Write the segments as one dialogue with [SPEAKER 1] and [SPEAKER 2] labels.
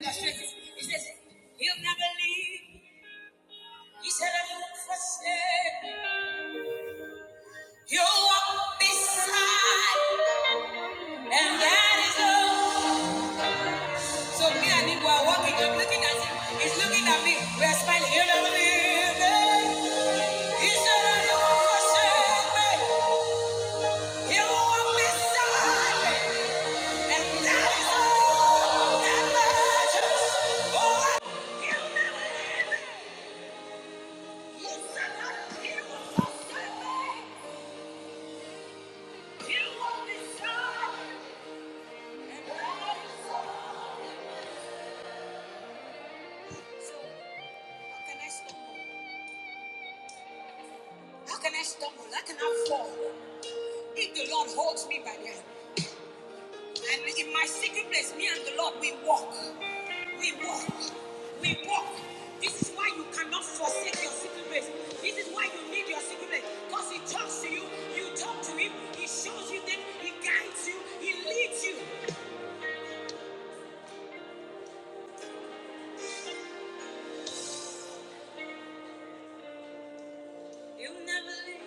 [SPEAKER 1] He says, He'll never leave. He said, I won't forsake. He'll walk beside. And that is all. So me and him were walking. I'm looking at him. He's looking at me. We're smiling. He'll never leave me. He said, I won't forsake me. He'll walk beside me. And that is all that matters. Oh, He'll never, he said, I- he will forsake me. How can I stumble? How can I fall? If the Lord holds me by the hand. And in my secret place, me and the Lord, we walk. We walk. We walk. This is why you cannot forsake your secret place. This is why you need your secret place. Because He talks to you, you talk to Him, He shows you things, He guides you, He leads you. you will never leave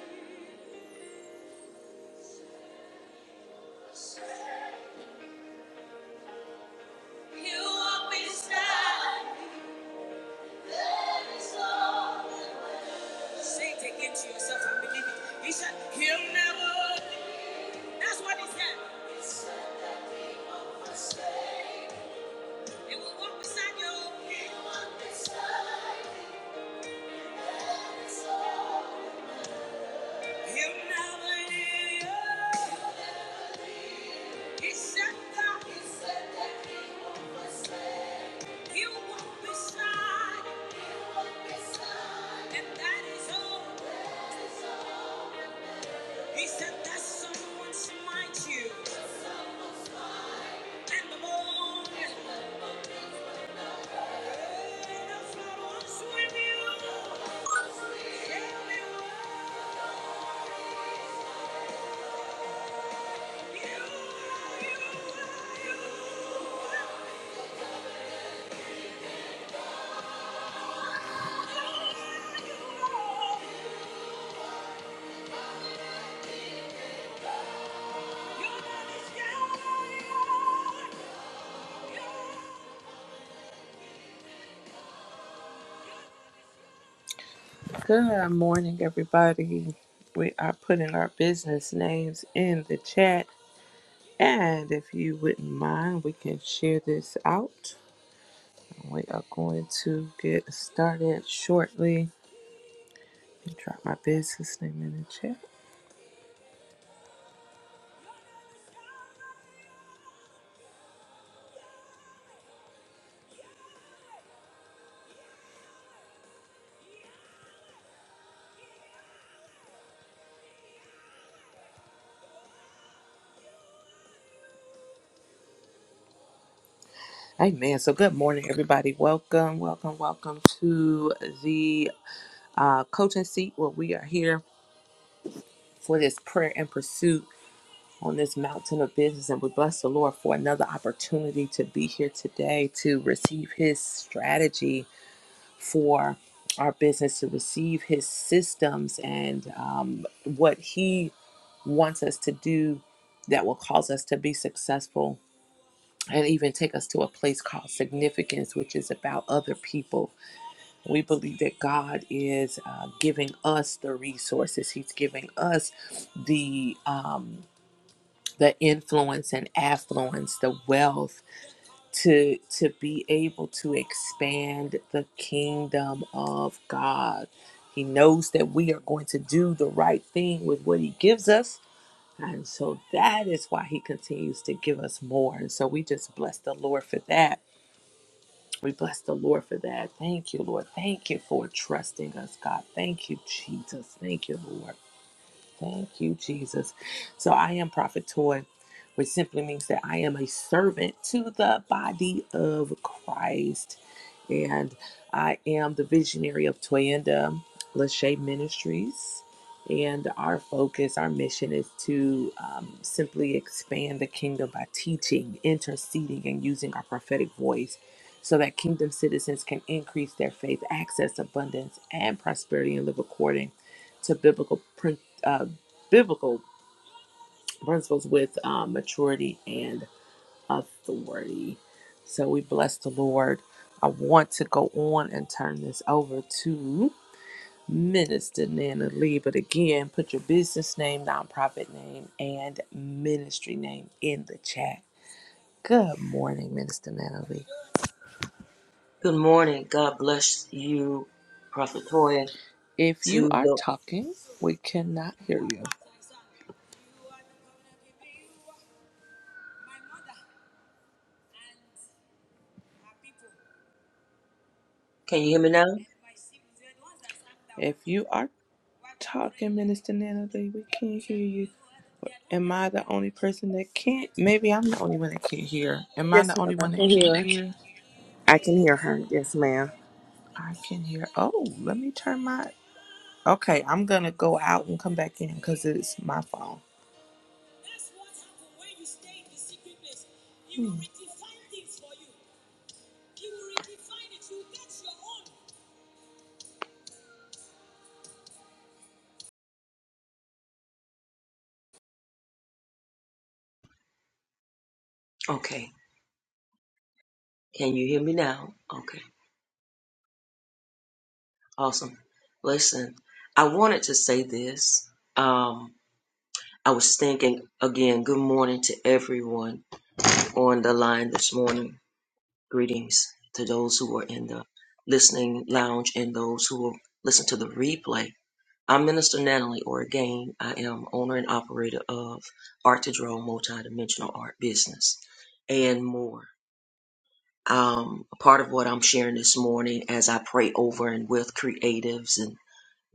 [SPEAKER 1] you walk beside. Say, Saint to yourself and believe it. He said, He'll never. That's what he said. He will walk beside you. He'll never leave. you. He said that he will walk beside, and that is all. He said that someone smite you, and the moon and the flood was with you. Tell me why you, why you, why you, why you. are. Good morning, everybody. We are putting our business names in the chat. And if you wouldn't mind, we can share this out. We are going to get started shortly. Let me Drop my business name in the chat. Amen. So, good morning, everybody. Welcome, welcome, welcome to the uh, coaching seat where we are here for this prayer and pursuit. on this mountain of business. And we bless the Lord for another opportunity to be here today to receive His strategy for our business, to receive His systems and um, what He wants us to do that will cause us to be successful and even take us to a place called significance, which is about other people. We believe that God is uh, giving us the resources, He's giving us the. Um, the influence and affluence, the wealth to to be able to expand the kingdom of God. He knows that we are going to do the right thing with what he gives us. And so that is why he continues to give us more. And so we just bless the Lord for that. We bless the Lord for that. Thank you, Lord. Thank you for trusting us, God. Thank you, Jesus. Thank you, Lord. Thank you, Jesus. So I am Prophet Toy, which simply means that I am a servant to the body of Christ. And I am the visionary of Toyanda Lachey Ministries. And our focus, our mission is to um, simply expand the kingdom by teaching, interceding, and using our prophetic voice so that kingdom citizens can increase their faith, access abundance, and prosperity and live according to biblical principles uh, biblical principles with uh, maturity and authority. So we bless the Lord. I want to go on and turn this over to Minister Nana Lee, but again, put your business name, nonprofit name, and ministry name in the chat. Good morning, Minister Nana Lee.
[SPEAKER 2] Good morning. God bless you, Prophet Toya.
[SPEAKER 1] If you
[SPEAKER 2] To
[SPEAKER 1] are
[SPEAKER 2] the
[SPEAKER 1] talking, we cannot hear you.
[SPEAKER 2] can you hear me now?
[SPEAKER 1] If you are talking, Minister Natalie, we can't hear you. Am I the only person that can't? Maybe I'm the only one that can't hear. Am I
[SPEAKER 3] Yes,
[SPEAKER 1] the
[SPEAKER 3] ma'am.
[SPEAKER 1] only
[SPEAKER 3] I
[SPEAKER 1] one that
[SPEAKER 3] can
[SPEAKER 1] can't
[SPEAKER 3] hear.
[SPEAKER 1] hear?
[SPEAKER 3] I can hear her. Yes, ma'am.
[SPEAKER 1] I can hear. Oh, let me turn my. Okay, I'm gonna go out and come back in because it's my phone.
[SPEAKER 2] Okay. Can you hear me now? Okay. Awesome. Listen, I wanted to say this. Um, I was thinking again. Good morning to everyone on the line this morning. Greetings to those who are in the listening lounge and those who will listen to the replay. I'm Minister Natalie Orgain. I am owner and operator of Art to Draw Multidimensional Art Business and more. Um, part of what I'm sharing this morning as I pray over and with creatives and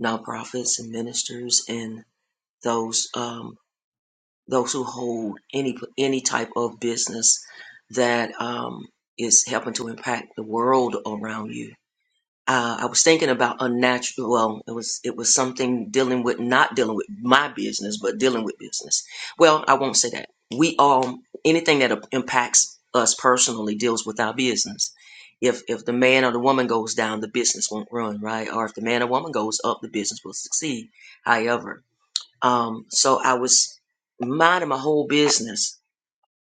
[SPEAKER 2] nonprofits and ministers and those um, those who hold any any type of business that um, is helping to impact the world around you uh, I was thinking about unnatural. Well, it was it was something dealing with not dealing with my business, but dealing with business. Well, I won't say that. We all anything that impacts us personally deals with our business. If if the man or the woman goes down, the business won't run right, or if the man or woman goes up, the business will succeed. However, um, so I was minding my whole business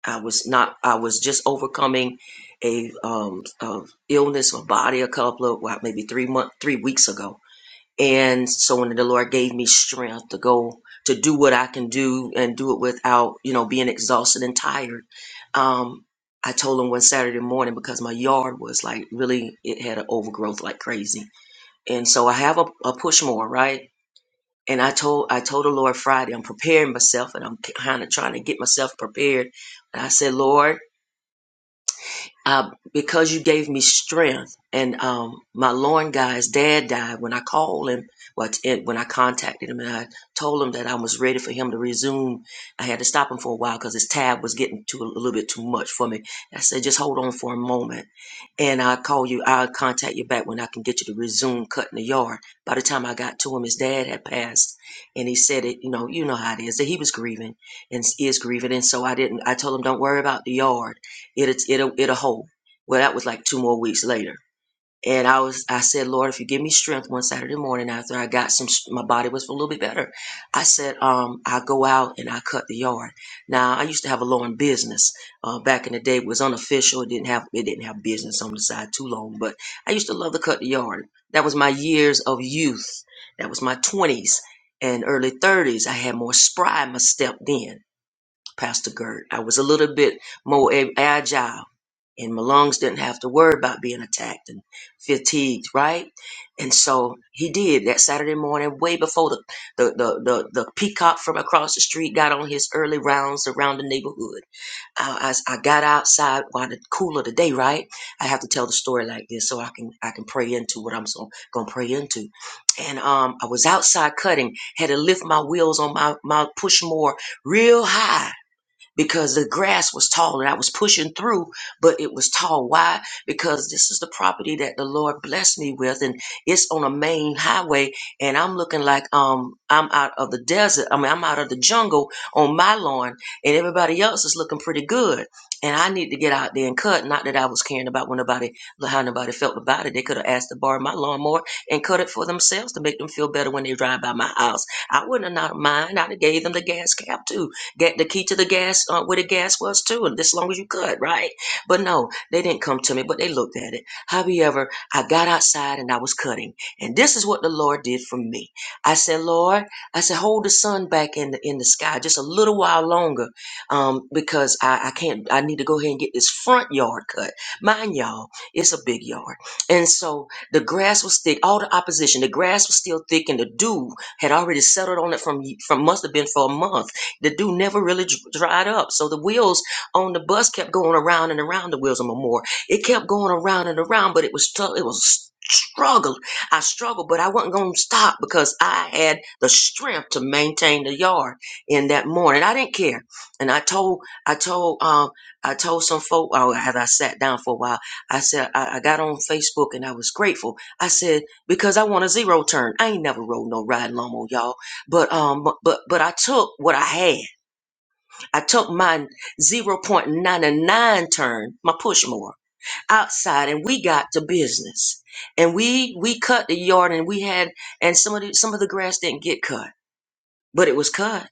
[SPEAKER 2] I was not. I was just overcoming a um a illness or body a couple of well, maybe three month three weeks ago. And so when the Lord gave me strength to go to do what I can do and do it without you know being exhausted and tired, um, I told him one Saturday morning because my yard was like really it had an overgrowth like crazy, and so I have a, a push more right. And I told I told the Lord Friday I'm preparing myself and I'm kind of trying to get myself prepared. And I said, Lord uh, because you gave me strength. And um, my loin guy's dad died when I called him, well, it- when I contacted him, and I told him that I was ready for him to resume. I had to stop him for a while because his tab was getting to a little bit too much for me. I said, just hold on for a moment, and I'll call you. I'll contact you back when I can get you to resume cutting the yard. By the time I got to him, his dad had passed, and he said it. You know, you know how it is that he was grieving and is grieving, and so I didn't. I told him, don't worry about the yard. It it it it a hole. Well, that was like two more weeks later. And I was, I said, Lord, if you give me strength one Saturday morning after I got some, my body was a little bit better. I said, um, I go out and I cut the yard. Now I used to have a lawn business, uh, back in the day it was unofficial. It didn't have, it didn't have business on the side too long, but I used to love to cut the yard. That was my years of youth. That was my twenties and early thirties. I had more spry in my step then, Pastor Gert. I was a little bit more a- agile and my lungs didn't have to worry about being attacked and fatigued, right? And so he did that Saturday morning, way before the the the the, the peacock from across the street got on his early rounds around the neighborhood. I, I I got outside while the cool of the day, right? I have to tell the story like this so I can I can pray into what I'm so gonna pray into. And um, I was outside cutting, had to lift my wheels on my my push more real high because the grass was tall and I was pushing through, but it was tall. Why? Because this is the property that the Lord blessed me with, and it's on a main highway, and I'm looking like um I'm out of the desert. I mean, I'm out of the jungle on my lawn, and everybody else is looking pretty good. And I need to get out there and cut. Not that I was caring about when nobody how nobody felt about it. They could have asked to borrow my lawnmower and cut it for themselves to make them feel better when they drive by my house. I wouldn't have not mind. I'd have gave them the gas cap too get the key to the gas uh, where the gas was too, and as long as you could, right? But no, they didn't come to me, but they looked at it. However, I got outside and I was cutting, and this is what the Lord did for me. I said, Lord, I said, hold the sun back in the in the sky just a little while longer, um, because I, I can't. I need to go ahead and get this front yard cut. Mind y'all, it's a big yard, and so the grass was thick. All the opposition, the grass was still thick, and the dew had already settled on it from from must have been for a month the dew never really dr- dried up. So the wheels on the bus kept going around and around the wheels of Memorial. It kept going around and around, but it was tough. It was struggle. I struggled, but I wasn't going to stop because I had the strength to maintain the yard in that morning. I didn't care. And I told, I told, um, I told some folk, oh, as I sat down for a while, I said, I, I got on Facebook and I was grateful. I said, because I want a zero turn. I ain't never rode no riding lawnmower, y'all. But um, bu- but but I took what I had. I took my 0.99 turn, my push more outside, and we got to business. And we we cut the yard, and we had, and some of the some of the grass didn't get cut, but it was cut.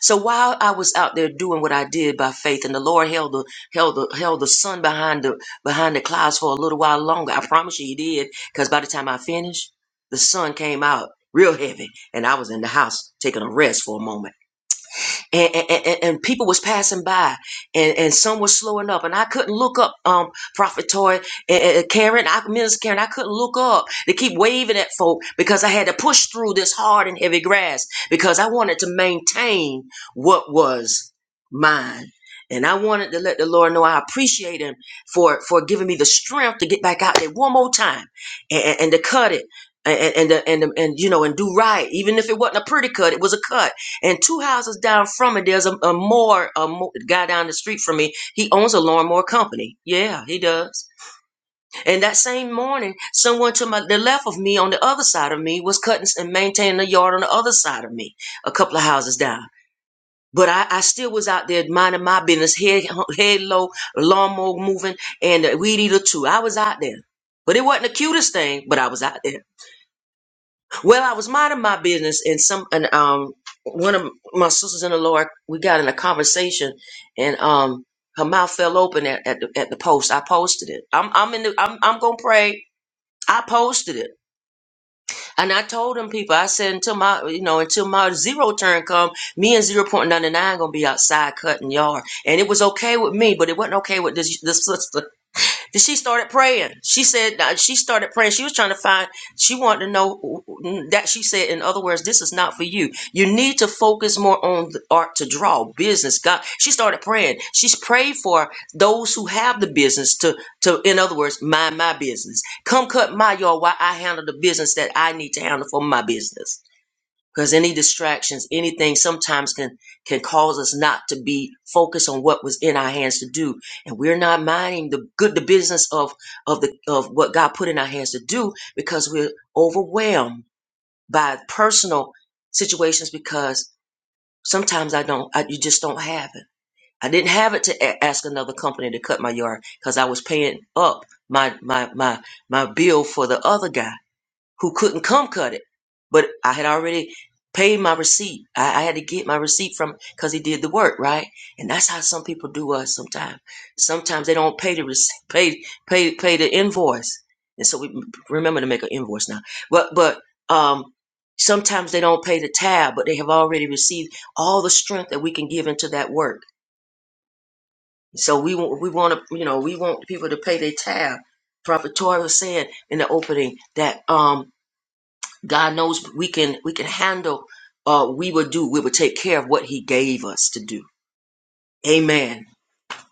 [SPEAKER 2] So while I was out there doing what I did by faith, and the Lord held the held the held the sun behind the behind the clouds for a little while longer. I promise you, He did, because by the time I finished, the sun came out real heavy, and I was in the house taking a rest for a moment. and, and, and and people was passing by and, and some was slowing up and I couldn't look up um Prophet Toy and, and- Karen I Miss Karen I couldn't look up to keep waving at folk because I had to push through this hard and heavy grass because I wanted to maintain what was mine and I wanted to let the Lord know I appreciate him for for giving me the strength to get back out there one more time and, and, and to cut it and and and, and, and you know and do right even if it wasn't a pretty cut it was a cut and two houses down from it, there's a, a more a mo- guy down the street from me. He owns a lawnmower company. Yeah, he does. And that same morning, someone to my the left of me, on the other side of me, was cutting and maintaining the yard on the other side of me, a couple of houses down. But I, I still was out there minding my business, head head low, lawnmower moving, and the weed eater too. I was out there, but it wasn't the cutest thing, but I was out there. Well, I was minding my business, and some and um one of my sisters in the Lord, we got in a conversation, and um her mouth fell open at, at the at the post. I posted it. I'm I'm in the I'm I'm gonna pray. I posted it, and I told them people. I said until my you know until my zero turn come, me and zero point ninety nine gonna be outside cutting yard, and it was okay with me, but it wasn't okay with this this sister. Then she started praying. She said uh, she started praying. She was trying to find. She wanted to know mm, that she said. In other words, this is not for you. You need to focus more on the art to draw business. God. She started praying. She's prayed for those who have the business to to. In other words, mind my business. Come cut my yard while I handle the business that I need to handle for my business because any distractions anything sometimes can can cause us not to be focused on what was in our hands to do and we're not minding the good the business of of the of what god put in our hands to do because we're overwhelmed by personal situations because sometimes i don't I, you just don't have it i didn't have it to a- ask another company to cut my yard because i was paying up my my my my bill for the other guy who couldn't come cut it. But I had already paid my receipt. I, I had to get my receipt from because he did the work, right? And that's how some people do us sometimes. Sometimes they don't pay the receipt, pay pay pay the invoice, and so we remember to make an invoice now. But but um, sometimes they don't pay the tab, but they have already received all the strength that we can give into that work. So we want we want to you know we want people to pay their tab. Prophet Torah was saying in the opening that um God knows we can we can handle uh we will do we will take care of what he gave us to do. Amen.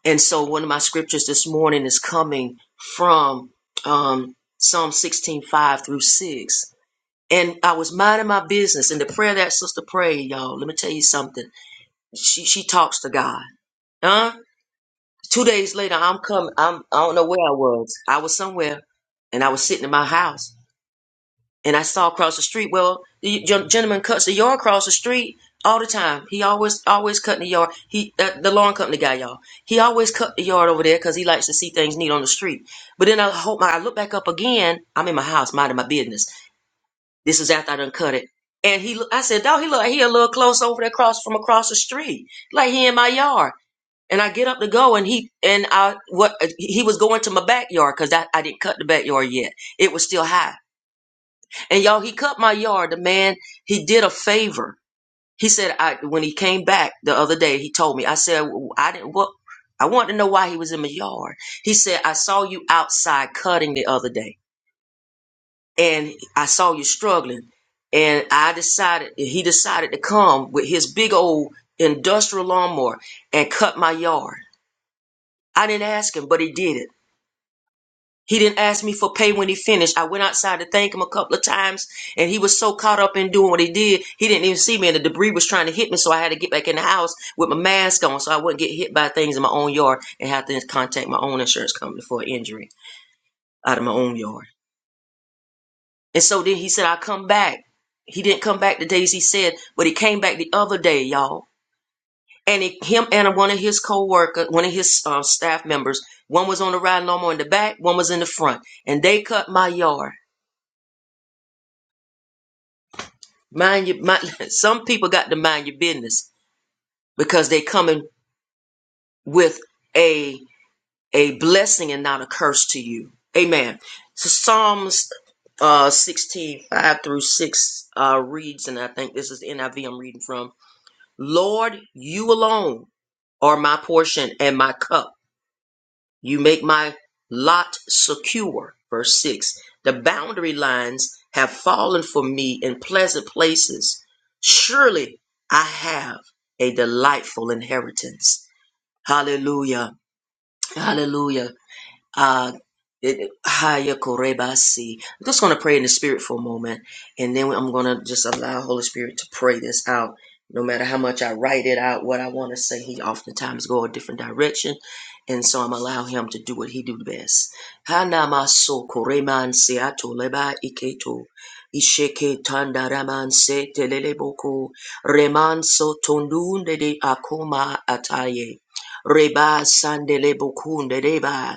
[SPEAKER 2] And so one of my scriptures this morning is coming from um Psalm 16:5 through 6. And I was minding my business and the prayer that sister prayed, y'all, let me tell you something. She she talks to God. Huh? Two days later I'm coming I'm I don't know where I was. I was somewhere and I was sitting in my house and I saw across the street. Well, the gentleman cuts the yard across the street all the time. He always always cutting the yard. He uh, the lawn company guy, y'all. He always cut the yard over there because he likes to see things neat on the street. But then I hope my, I look back up again. I'm in my house minding my business. This was after I done cut it. And he, I said, dog, he look, he a little close over there, across from across the street, like he in my yard. And I get up to go, and he and I what he was going to my backyard because I I didn't cut the backyard yet. It was still high. And y'all, he cut my yard. The man, he did a favor. He said, I when he came back the other day, he told me. I said, "W- I didn't. What? I wanted to know why he was in my yard. He said, I saw you outside cutting the other day, and I saw you struggling, and I decided. He decided to come with his big old industrial lawnmower and cut my yard. I didn't ask him, but he did it. He didn't ask me for pay when he finished. I went outside to thank him a couple of times, and he was so caught up in doing what he did, he didn't even see me. And the debris was trying to hit me, so I had to get back in the house with my mask on, so I wouldn't get hit by things in my own yard and have to contact my own insurance company for an injury out of my own yard. And so then he said, "I'll come back." He didn't come back the days he said, but he came back the other day, y'all. And he, him and one of his co-worker, one of his uh, staff members, one was on the ride lawnmower in the back, one was in the front, and they cut my yard. Mind your mind, some people got to mind your business because they coming with a a blessing and not a curse to you. Amen. So Psalms uh 16, five through 6 uh reads, and I think this is NIV I'm reading from. Lord, you alone are my portion and my cup. You make my lot secure. Verse 6 The boundary lines have fallen for me in pleasant places. Surely I have a delightful inheritance. Hallelujah. Hallelujah. Uh, it- Haya Korebasi. I'm just going to pray in the spirit for a moment, and then I'm going to just allow Holy Spirit to pray this out. No matter how much I write it out, what I want to say, He oftentimes go a different direction, and so I'm allow Him to do what He do best. Hanamaso koreman seato leba iketo. Isheke tandaraman se teleleboko remanso tondunde de akoma ataye reba sandelebokunde deba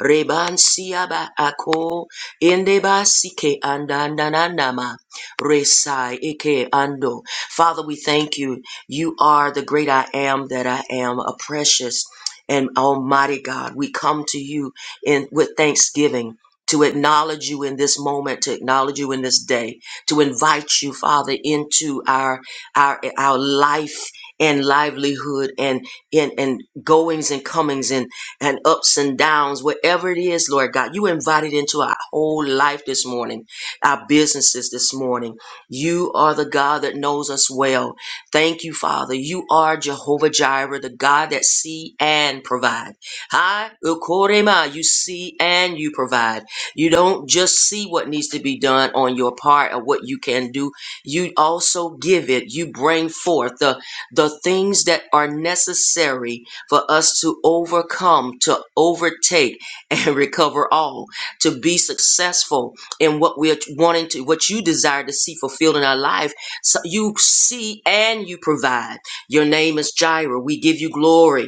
[SPEAKER 2] Rebansiaba ako indebasike andandanama resai eke ando. Father, we thank you. You are the great I am that I am, a precious and almighty God. We come to you in with thanksgiving. To acknowledge you in this moment, to acknowledge you in this day, to invite you, Father, into our our our life and livelihood and in and, and goings and comings and ups and downs, whatever it is, Lord God. You invited into our whole life this morning, our businesses this morning. You are the God that knows us well. Thank you, Father. You are Jehovah Jireh, the God that see and provide. Hi, Ukorema, you see and you provide. You don't just see what needs to be done on your part or what you can do. You also give it. You bring forth the, the things that are necessary for us to overcome, to overtake, and recover all, to be successful in what we're wanting to, what you desire to see fulfilled in our life. So you see and you provide. Your name is Jireh. We give you glory.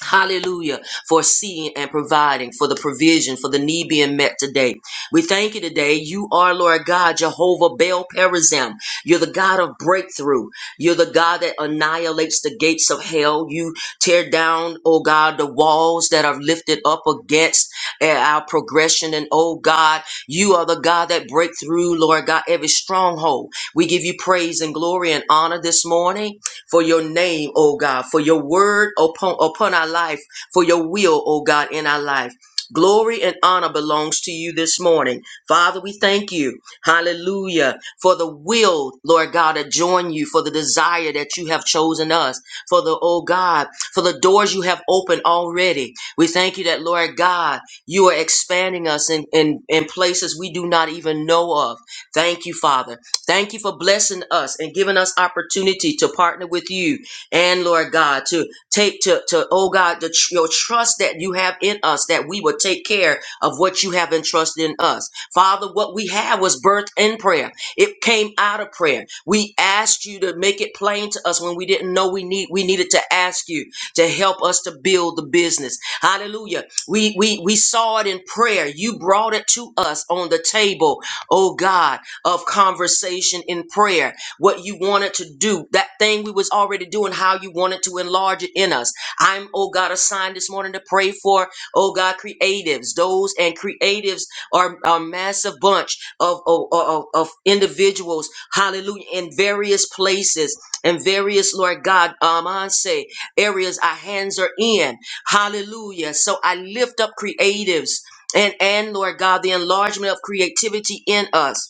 [SPEAKER 2] Hallelujah. For seeing and providing for the provision, for the need being met today. We thank you today. You are, Lord God, Jehovah Baal Perazim. You're the God of breakthrough. You're the God that annihilates the gates of hell. You tear down, oh God, the walls that are lifted up against eh, our progression. And oh God, you are the God that break through, Lord God, every stronghold. We give you praise and glory and honor this morning for your name, oh God, for your word upon, upon our life, for your will, oh God, in our life. Glory and honor belongs to you this morning. Father, we thank you. Hallelujah. For the will, Lord God, to join you, for the desire that you have chosen us, for the, oh God, for the doors you have opened already. We thank you that, Lord God, you are expanding us in, in, in places we do not even know of. Thank you, Father. Thank you for blessing us and giving us opportunity to partner with you and Lord God to take to to oh God the, tr- your trust that you have in us that we will take care of what you have entrusted in us. Father, what we have was birthed in prayer. It came out of prayer. We asked you to make it plain to us when we didn't know we need we needed to ask you to help us to build the business. Hallelujah. We we we saw it in prayer. You brought it to us on the table, oh God of conversation in prayer, what you wanted to do, that thing we was already doing, how you wanted to enlarge it in us. I'm, oh God, assigned this morning to pray for, oh God, creatives. Those and creatives are a massive bunch of, of, of, of individuals, hallelujah, in various places and various, Lord God, um, I say areas our hands are in. Hallelujah. So I lift up creatives and, and Lord God, the enlargement of creativity in us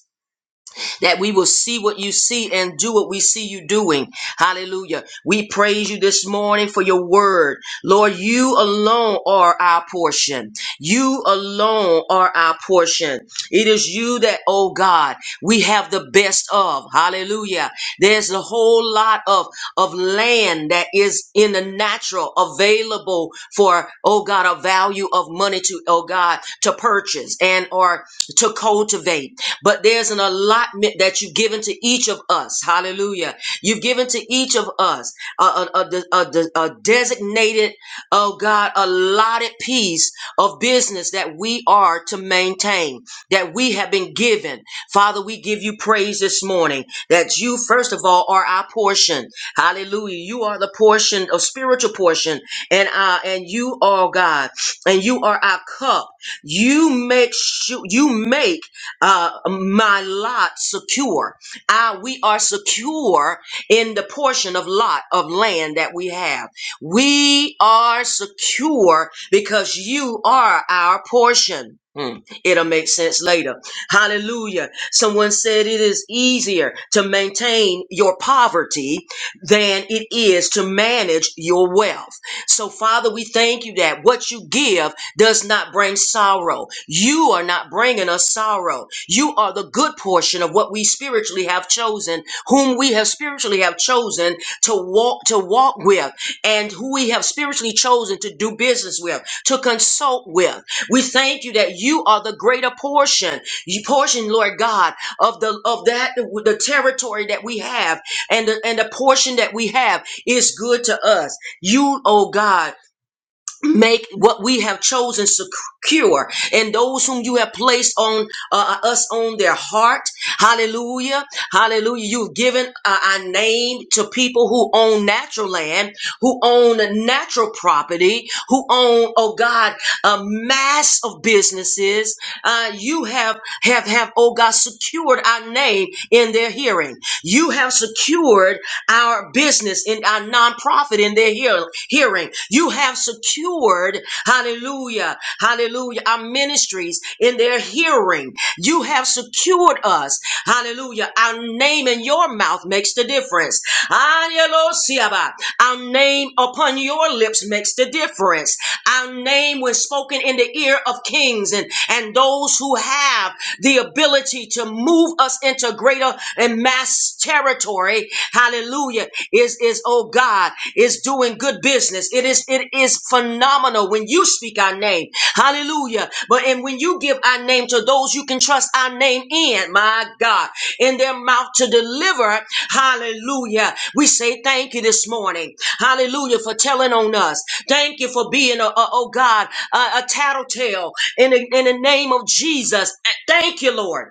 [SPEAKER 2] that we will see what you see and do what we see you doing. Hallelujah. We praise you this morning for your word. Lord, you alone are our portion. You alone are our portion. It is you that, oh God, we have the best of. Hallelujah. There's a whole lot of, of land that is in the natural available for, oh God, a value of money to, oh God, to purchase and or to cultivate but there's an allotment that you've given to each of us. Hallelujah. You've given to each of us a, a, a, a- a- designated, oh God, allotted piece of business that we are to maintain, that we have been given. Father, we give you praise this morning that you, first of all, are our portion. Hallelujah. You are the portion of spiritual portion and uh, and you are God and you are our cup. You make sure you make uh, my lot secure. Ah, we are secure in the portion of lot of land that we have. We are secure because you are our portion. Hmm, It'll make sense later. Hallelujah. Someone said it is easier to maintain your poverty than it is to manage your wealth. So, Father, we thank you that what you give does not bring sorrow. You are not bringing us sorrow. You are the good portion of what we spiritually have chosen, whom we have spiritually have chosen to walk to walk with, and who we have spiritually chosen to do business with, to consult with. We thank you that you are the greater portion, you portion, Lord God, of the of that the territory that we have, and the, and the portion that we have is good to us. You, oh God make what we have chosen secure and those whom you have placed on uh, us on their heart hallelujah hallelujah you've given uh, our name to people who own natural land who own natural property who own oh god a mass of businesses uh, you have have have oh god secured our name in their hearing you have secured our business in our nonprofit in their hear- hearing. You have secured, hallelujah, hallelujah, our ministries in their hearing. You have secured us, hallelujah. Our name in your mouth makes the difference. Hallelujah. Our name upon your lips makes the difference. Our name was spoken in the ear of kings and, and those who have the ability to move us into greater and mass territory Hallelujah. Is is oh God is doing good business. It is it is phenomenal when you speak our name. Hallelujah. But and when you give our name to those you can trust our name in, my God, in their mouth to deliver. Hallelujah. We say thank you this morning. Hallelujah for telling on us. Thank you for being a, a- oh God, a, a tattletale in the, in the name of Jesus. Thank you, Lord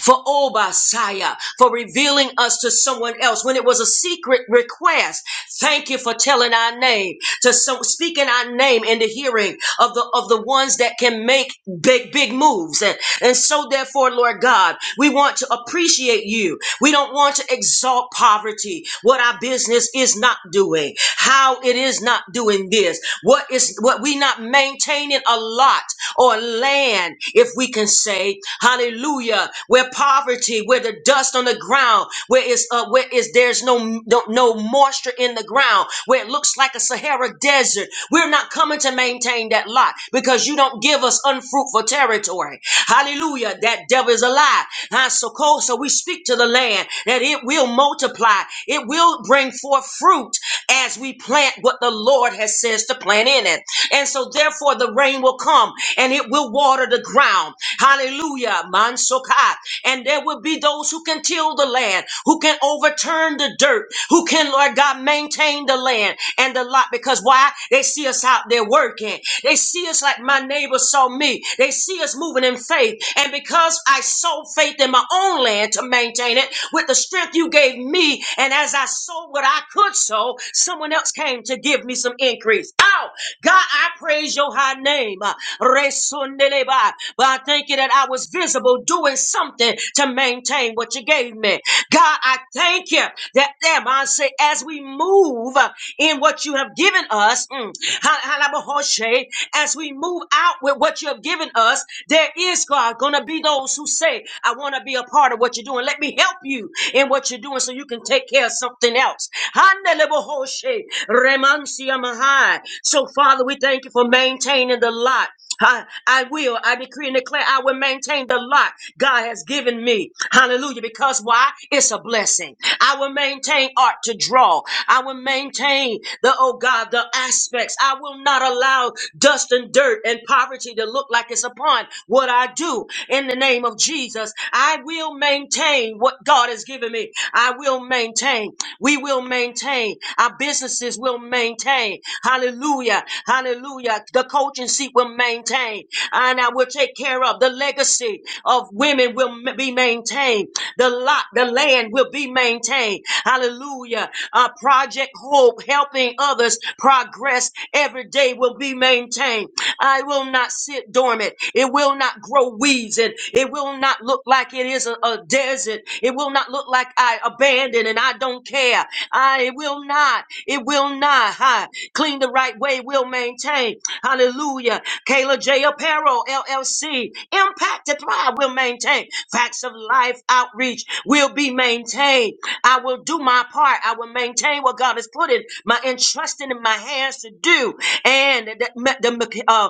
[SPEAKER 2] for Obasiah, for revealing us to someone else when it was a secret request. Thank you for telling our name to so, speak in our name in the hearing of the of the ones that can make big big moves and and so therefore lord god we want to appreciate you we don't want to exalt poverty what our business is not doing how it is not doing this what is what we not maintaining a lot or land if we can say hallelujah where poverty where the dust on the ground where it's is uh, where is there's no, no no moisture in the ground, where it looks like a Sahara desert. We're not coming to maintain that lot because you don't give us unfruitful territory. Hallelujah! That devil is a lie. Huh? So cold, so we speak to the land that it will multiply, it will bring forth fruit as we plant what the Lord has says to plant in it. And so therefore the rain will come and it will water the ground. Hallelujah. Mansokai. And there will be those who can till the land, who can overturn the dirt, who can, Lord God, maintain the land and the lot. Because why? They see us out there working. They see us like my neighbor saw me. They see us moving in faith. And because I sow faith in my own land to maintain it with the strength you gave me, and as I sowed what I could sow, someone else came to give me some increase. Ow! God, I praise your high name. Uh, Resundeleba. But I thank you that I was visible doing something to maintain what you gave me. God, I thank you that them, I say, as we move uh, in what you have given us, mm, ha- ha- la- bahoshe, as we move out with what you have given us, there is, God, going to be those who say, I want to be a part of what you're doing. Let me help you in what you're doing so you can take care of something else. Hande le bahoshe, remansia mahai. So, Father, we thank you for maintaining the lot. I, I will. I decree and declare I will maintain the lot God has given me. Hallelujah. Because why? It's a blessing. I will maintain art to draw. I will maintain the, oh God, the aspects. I will not allow dust and dirt and poverty to look like it's upon what I do. In the name of Jesus, I will maintain what God has given me. I will maintain. We will maintain. Our businesses will maintain maintain. Hallelujah. Hallelujah. The coaching seat will maintain. And I will take care of the legacy of women will m- be maintained. The lot, the land will be maintained. Hallelujah. Uh, Project Hope, helping others progress every day will be maintained. I will not sit dormant. It will not grow weeds and it will not look like it is a, a desert. It will not look like I abandoned abandoned and I don't care. I it will not. It will not. Ha. Clean the right way. will maintain. Hallelujah. Kayla J. Apparel, LLC. Impact and Thrive will maintain. Facts of Life Outreach will be maintained. I will do my part. I will maintain what God has put in my entrusting in my hands to do. And the, the uh,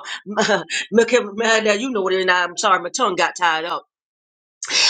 [SPEAKER 2] you know what it is. I'm sorry, my tongue got tied up.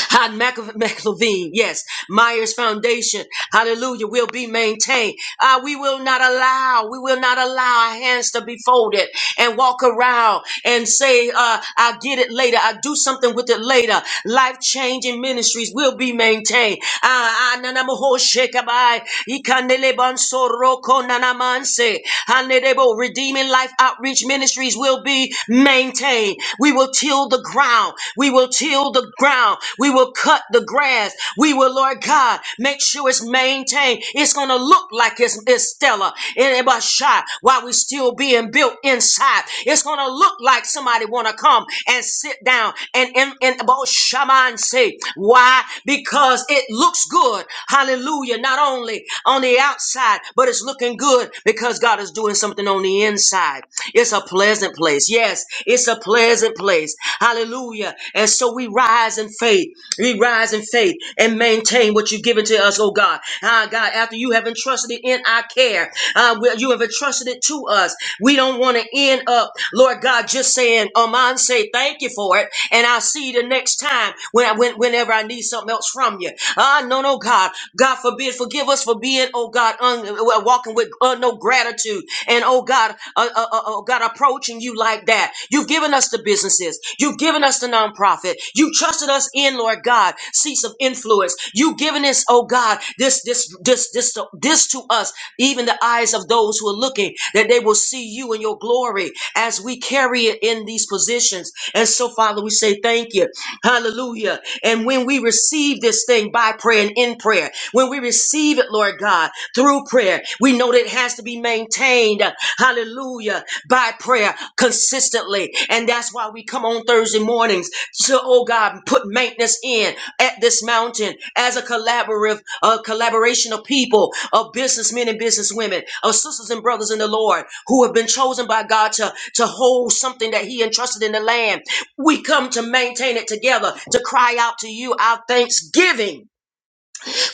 [SPEAKER 2] Had Mac- McLevine, yes. Myers Foundation, hallelujah, will be maintained. Ah, we will not allow, we will not allow our hands to be folded and walk around and say, uh, I'll get it later. I'll do something with it later. Life changing ministries will be maintained. Ah, ah, nanamaho shekabai, ikandelebon soroko nanamanse, hanedebo, Redeeming Life Outreach Ministries will be maintained. We will till the ground. We will till the ground. We will we will cut the grass. We will, Lord God, make sure it's maintained. It's going to look like it's, it's stellar in a shot while we are still being built inside. It's going to look like somebody want to come and sit down and in and about shaman say why? Because it looks good. Hallelujah. Not only on the outside, but it's looking good because God is doing something on the inside. It's a pleasant place. Yes, it's a pleasant place. Hallelujah. And so we rise in faith. We rise in faith and maintain what you've given to us, oh God. Ah, God, after you have entrusted it in our care, uh, you have entrusted it to us. We don't want to end up, Lord God, just saying, Aman, say thank you for it, and I'll see you the next time when I, when, whenever I need something else from you. Ah, no, no, God. God forbid, forgive us for being, oh God, un, uh, walking with uh, no gratitude. And oh God, uh, uh, uh, oh God, approaching you like that. You've given us the businesses. You've given us the nonprofit. You trusted us in, Lord God, seats of influence. You've given us, oh God, this, this, this, this, to- this to us, even the eyes of those who are looking, that they will see you in your glory as we carry it in these positions. And so, Father, we say thank you. Hallelujah. And when we receive this thing by prayer and in prayer, when we receive it, Lord God, through prayer, we know that it has to be maintained. Hallelujah. By prayer consistently. And that's why we come on Thursday mornings to, oh God, put maintenance in stand at this mountain as a collaborative, a collaboration of people, of businessmen and businesswomen, of sisters and brothers in the Lord who have been chosen by God to, to hold something that He entrusted in the land. We come to maintain it together, to cry out to you our thanksgiving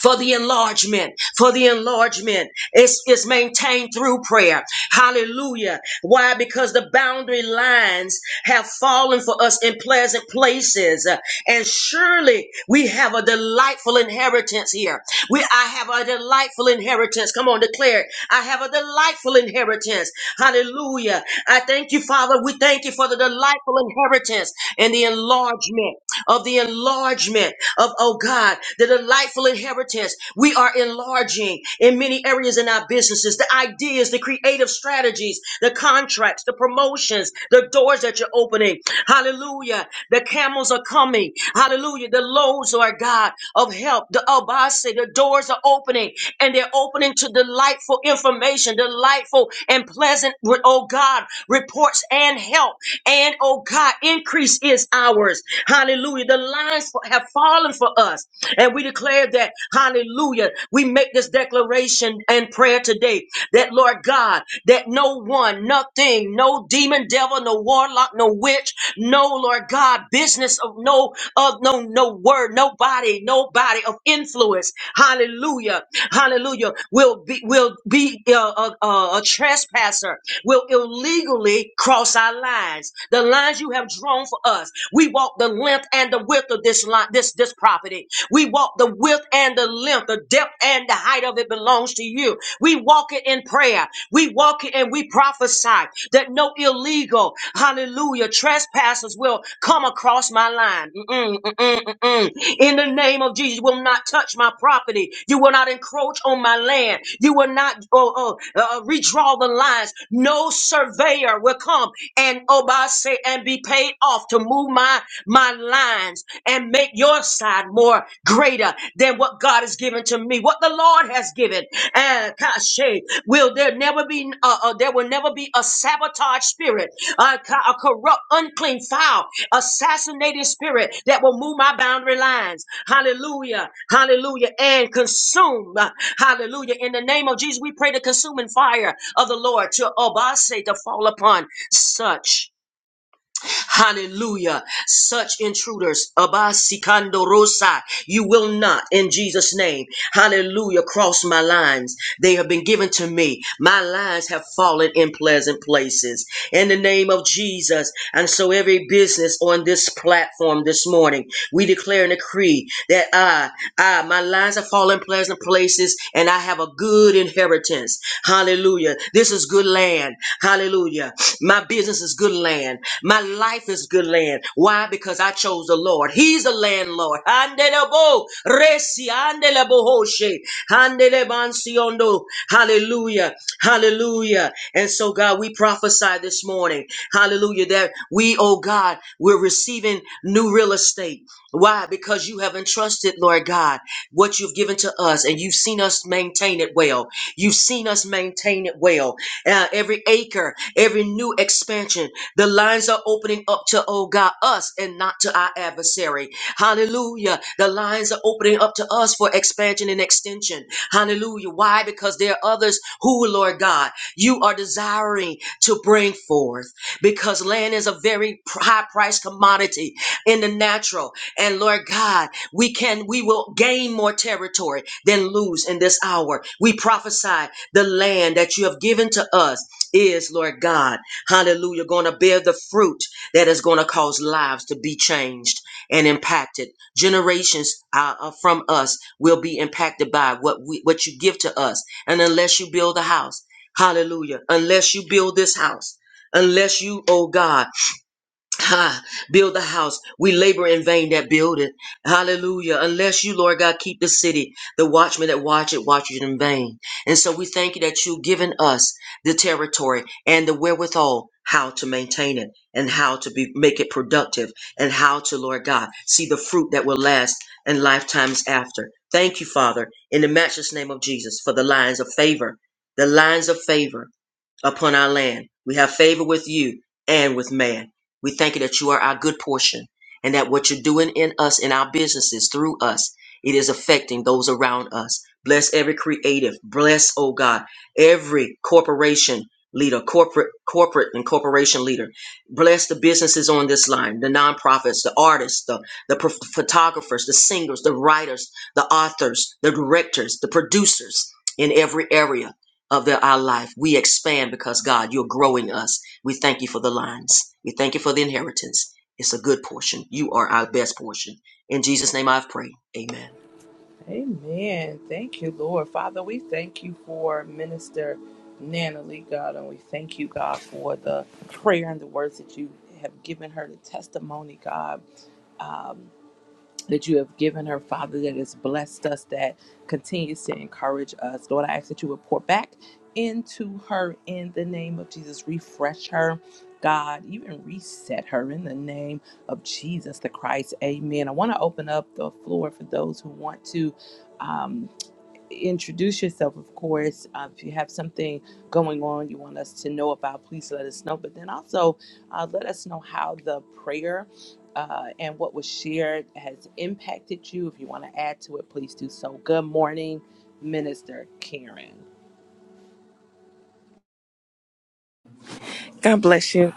[SPEAKER 2] for the enlargement, for the enlargement. It's, it's maintained through prayer. Hallelujah. Why? Because the boundary lines have fallen for us in pleasant places. Uh, And surely we have a delightful inheritance here. We, I have a delightful inheritance. Come on, declare it. I have a delightful inheritance. Hallelujah. I thank you, Father. We thank you for the delightful inheritance and the enlargement of the enlargement of, oh God, the delightful inheritance. We are enlarging in many areas in our businesses, the ideas, the creative strategies, the contracts, the promotions, the doors that you're opening. Hallelujah. The camels are coming. Hallelujah. The loads are God of help. The Abase, the doors are opening and they're opening to delightful information, delightful and pleasant, oh God, reports and help. And oh God, increase is ours ours. Hallelujah. The lines have fallen for us. And we declare that, hallelujah, we make this declaration and prayer today that, Lord God, that no one, nothing, no demon, devil, no warlock, no witch, no, Lord God, business of no, of no, no word, nobody, nobody of influence, hallelujah, hallelujah, will be, will be uh, a, a a trespasser, will illegally cross our lines. The lines you have drawn for us. We walk the length and the width of this line, this this property. We walk the width and the length, the depth and the height of it belongs to you. We walk it in prayer. We walk it and we prophesy that no illegal, hallelujah, trespassers will come across my line. Mm-mm, mm-mm, mm-mm. In the name of Jesus, you will not touch my property. You will not encroach on my land. You will not oh, oh, uh, uh, redraw the lines. No surveyor will come and obase and be paid off to move my my lines and make your side more greater than what God has given to me, what the Lord has given. And Kashe, will there never be uh, uh, there will never be a sabotage spirit, a, co- a corrupt, unclean, foul, assassinated spirit that will move my boundary lines. Hallelujah, Hallelujah, and consume. Hallelujah. In the name of Jesus, we pray the consuming fire of the Lord to obase to fall upon such. Hallelujah. Such intruders, Abasikando Rosa, you will not, in Jesus' name, hallelujah, cross my lines. They have been given to me. My lines have fallen in pleasant places. In the name of Jesus. And so every business on this platform this morning, we declare declare and decree that I, I, my lines are falling pleasant places and I have a good inheritance. Hallelujah. This is good land. Hallelujah. My business is good land. My life is good land. Why? Because I chose the Lord. He's the landlord. Handelebo, resi, handelebo hoshe, handelebansiondo. Hallelujah. Hallelujah. And so, God, we prophesy this morning. Hallelujah. That we, oh God, we're receiving new real estate. Why? Because you have entrusted, Lord God, what you've given to us, and you've seen us maintain it well. You've seen us maintain it well. Uh, every acre, every new expansion, the lines are opening up to, oh God, us and not to our adversary. Hallelujah. The lines are opening up to us for expansion and extension. Hallelujah. Why? Because there are others who, Lord God, you are desiring to bring forth because land is a very high priced commodity in the natural. And Lord God, we can, we will gain more territory than lose in this hour. We prophesy the land that you have given to us is, Lord God, hallelujah, going to bear the fruit that is going to cause lives to be changed and impacted. Generations uh, uh, from us will be impacted by what we, what you give to us. And unless you build a house, hallelujah, unless you build this house, unless you, oh God, Ha, build the house. We labor in vain that build it. Hallelujah. Unless you, Lord God, keep the city, the watchmen that watch it, watch it in vain. And so we thank you that you've given us the territory and the wherewithal how to maintain it and how to be make it productive and how to, Lord God, see the fruit that will last and lifetimes after. Thank you, Father, in the matchless name of Jesus for the lines of favor. The lines of favor upon our land. We have favor with you and with man. We thank you that you are our good portion and that what you're doing in us, in our businesses, through us, it is affecting those around us. Bless every creative. Bless, oh God, every corporation leader, corporate, corporate and corporation leader. Bless the businesses on this line, the nonprofits, the artists, the, the pro- photographers, the singers, the writers, the authors, the directors, the producers in every area of their, our life. We expand because God, you're growing us. We thank you for the lines. We thank you for the inheritance. It's a good portion. You are our best portion. In Jesus' name I've prayed. Amen.
[SPEAKER 1] Amen. Thank you, Lord. Father, we thank you for Minister Nana Lee, God, and we thank you, God, for the prayer and the words that you have given her, the testimony, God. that you have given her, Father, that has blessed us, that continues to encourage us. Lord, I ask that you would pour back into her in the name of Jesus. Refresh her, God. Even reset her in the name of Jesus the Christ. Amen. I want to open up the floor for those who want to. um, introduce yourself, of course. Uh, if you have something going on you want us to know about, please let us know. But then also uh, let us know how the prayer uh, and what was shared has impacted you. If you want to add to it, please do so. Good morning, Minister Karen.
[SPEAKER 3] God bless you.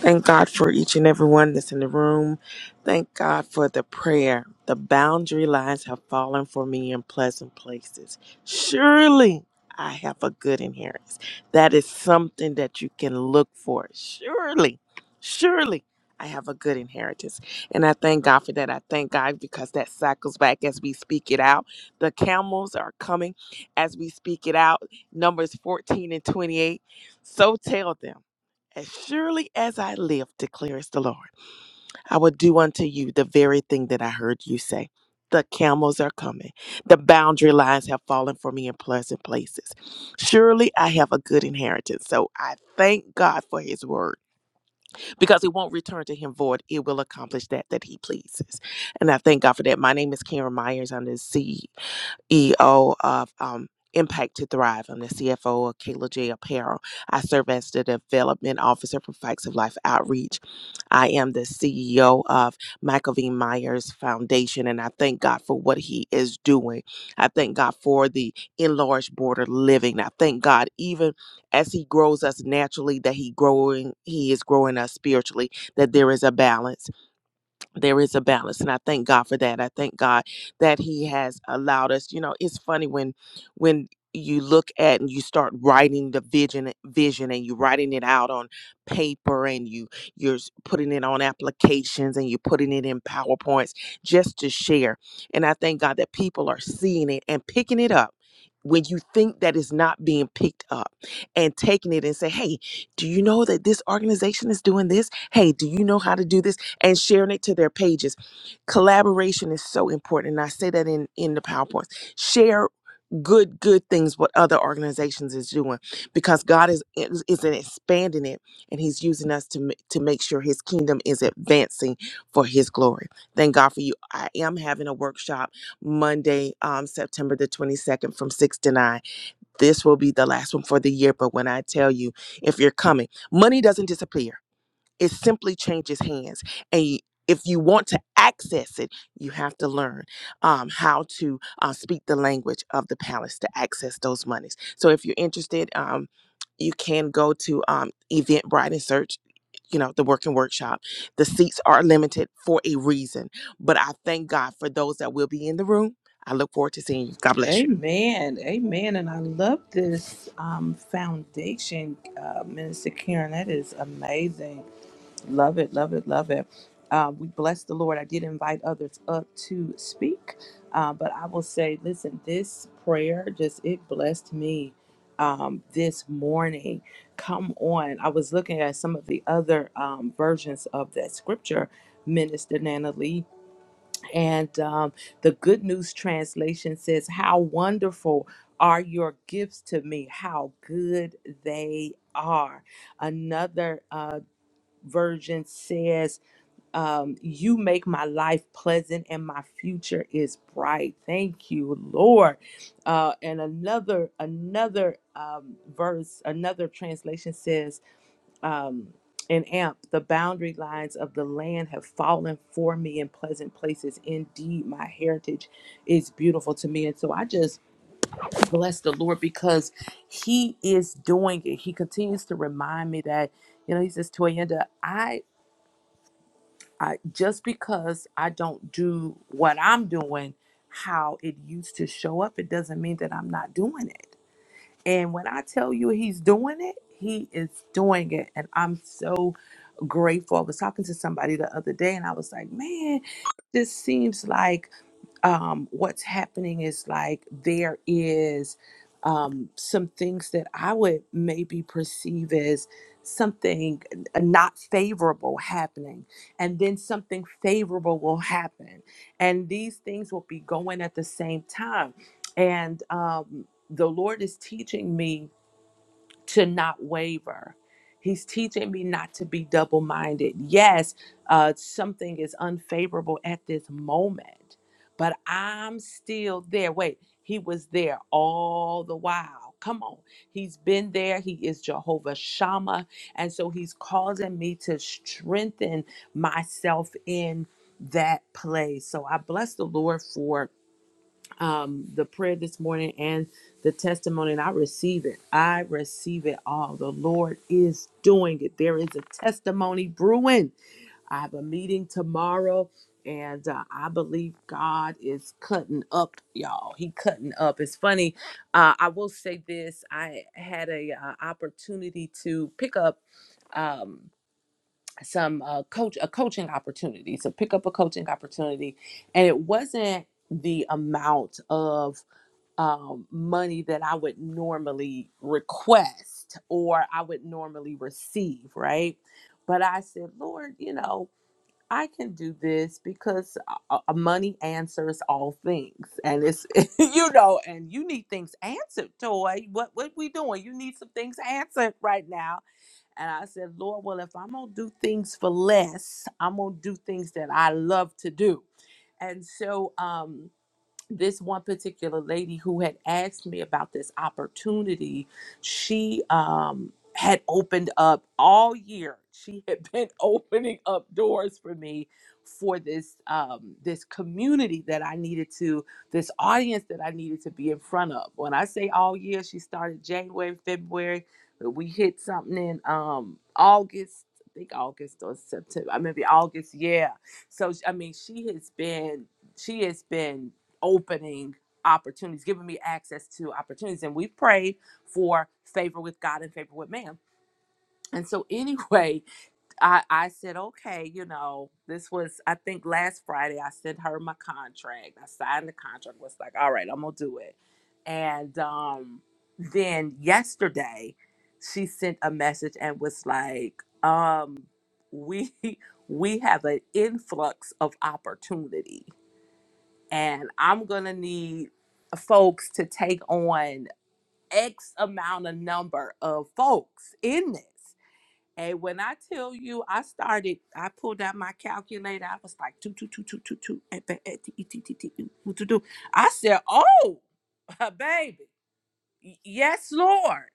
[SPEAKER 3] Thank God for each and every one that's in the room. Thank God for the prayer. The boundary lines have fallen for me in pleasant places. Surely I have a good inheritance. That is something that you can look for. Surely, surely I have a good inheritance. And I thank God for that. I thank God because that cycles back as we speak it out. The camels are coming as we speak it out. Numbers 14 and 28. So tell them. As surely as I live, declares the Lord, I will do unto you the very thing that I heard you say. The camels are coming. The boundary lines have fallen for me in pleasant places. Surely I have a good inheritance. So I thank God for his word because it won't return to him void. It will accomplish that that he pleases. And I thank God for that. My name is Karen Myers. I'm the CEO. EO of um, Impact to Thrive. I'm the CFO of Kayla J. Apparel. I serve as the Development Officer for Facts of Life Outreach. I am the CEO of Michael V. Myers Foundation, and I thank God for what he is doing. I thank God for the enlarged border living. I thank God even as he grows us naturally that he growing he is growing us spiritually that there is a balance there is a balance and i thank god for that i thank god that he has allowed us you know it's funny when when you look at and you start writing the vision vision and you writing it out on paper and you you're s- putting it on applications and you're putting it in powerpoints just to share and i thank god that people are seeing it and picking it up when you think that it's not being picked up and taking it and say hey do you know that this organization is doing this hey do you know how to do this and sharing it to their pages. Collaboration is so important. And I say that in, in the PowerPoints. Share good, good things what other organizations is doing because God is is is expanding it and He's using us to ma- to make sure His kingdom is advancing for His glory. Thank God for you. I am having a workshop Monday, um, September the 22nd from 6 to 9. This will be the last one for the year. But when I tell you, if you're coming, money doesn't disappear. It simply changes hands. And y- if you want to access it, you have to learn um, how to uh, speak the language of the palace to access those monies. So if you're interested, um, you can go to um, Eventbrite and search, you know, the Working Workshop. The seats are limited for a reason, but I thank God for those that will be in the room. I look forward to seeing you. God bless you.
[SPEAKER 1] Amen. Amen. And I love this um, foundation, uh, Minister Karen. That is amazing. Love it, love it, love it. Uh, we bless the Lord. I did invite others up to speak, uh, but I will say, listen, this prayer just it blessed me um, this morning. Come on, I was looking at some of the other um, versions of that scripture, Minister Nana Lee, and um, the Good News translation says, "How wonderful are your gifts to me? How good they are." Another. uh, version says, um, You make my life pleasant and my future is bright. Thank you, Lord. Uh, and another, another um, verse, another translation says, um, in amp, the boundary lines of the land have fallen for me in pleasant places. Indeed, my heritage is beautiful to me. And so I just bless the Lord because He is doing it. He continues to remind me that, you know, He says, Toyenda, I I just because I don't do what I'm doing how it used to show up, it doesn't mean that I'm not doing it. And when I tell you he's doing it, he is doing it. And I'm so grateful. I was talking to somebody the other day and I was like, man, this seems like um, what's happening is like there is um, some things that I would maybe perceive as something uh, not favorable happening, and then something favorable will happen. And these things will be going at the same time. And um, the Lord is teaching me to not waver. He's teaching me not to be double minded. Yes, uh, something is unfavorable at this moment, but I'm still there. Wait, he was there all the while. Come on. He's been there. He is Jehovah Shammah. And so he's causing me to strengthen myself in that place. So I bless the Lord for um, the prayer this morning and the testimony, and I receive it. I receive it all. The Lord is doing it. There is a testimony brewing. I have a meeting tomorrow, and uh, I believe God is cutting up, y'all. He cutting up. It's funny. Uh, I will say this: I had a uh, opportunity to pick up. Um, some uh, coach a coaching opportunity so pick up a coaching opportunity and it wasn't the amount of um, money that I would normally request or I would normally receive, right? But I said, Lord, you know, I can do this because uh, uh, money answers all things, and it's you know, and you need things answered, toy. What what we doing? You need some things answered right now. And I said, Lord, well, if I'm gonna do things for less, I'm gonna do things that I love to do. And so, um, this one particular lady who had asked me about this opportunity, she um had opened up all year. She had been opening up doors for me for this um this community that I needed to this audience that I needed to be in front of. When I say all year, she started January, February, but we hit something in um August, I think August or September. I maybe August, yeah. So I mean, she has been she has been opening opportunities, giving me access to opportunities. And we prayed for favor with God and favor with man. And so anyway, I, I said, okay, you know, this was I think last Friday I sent her my contract. I signed the contract, was like, all right, I'm gonna do it. And um then yesterday she sent a message and was like, um, we we have an influx of opportunity and I'm gonna need folks to take on X amount of number of folks in this. And when I tell you, I started, I pulled out my calculator. I was like, two, two, two, two, two, two, eh, ba- eh, tee, tee, tee, tee, ooh, ooh, doo, I said, oh, baby, y- yes, Lord.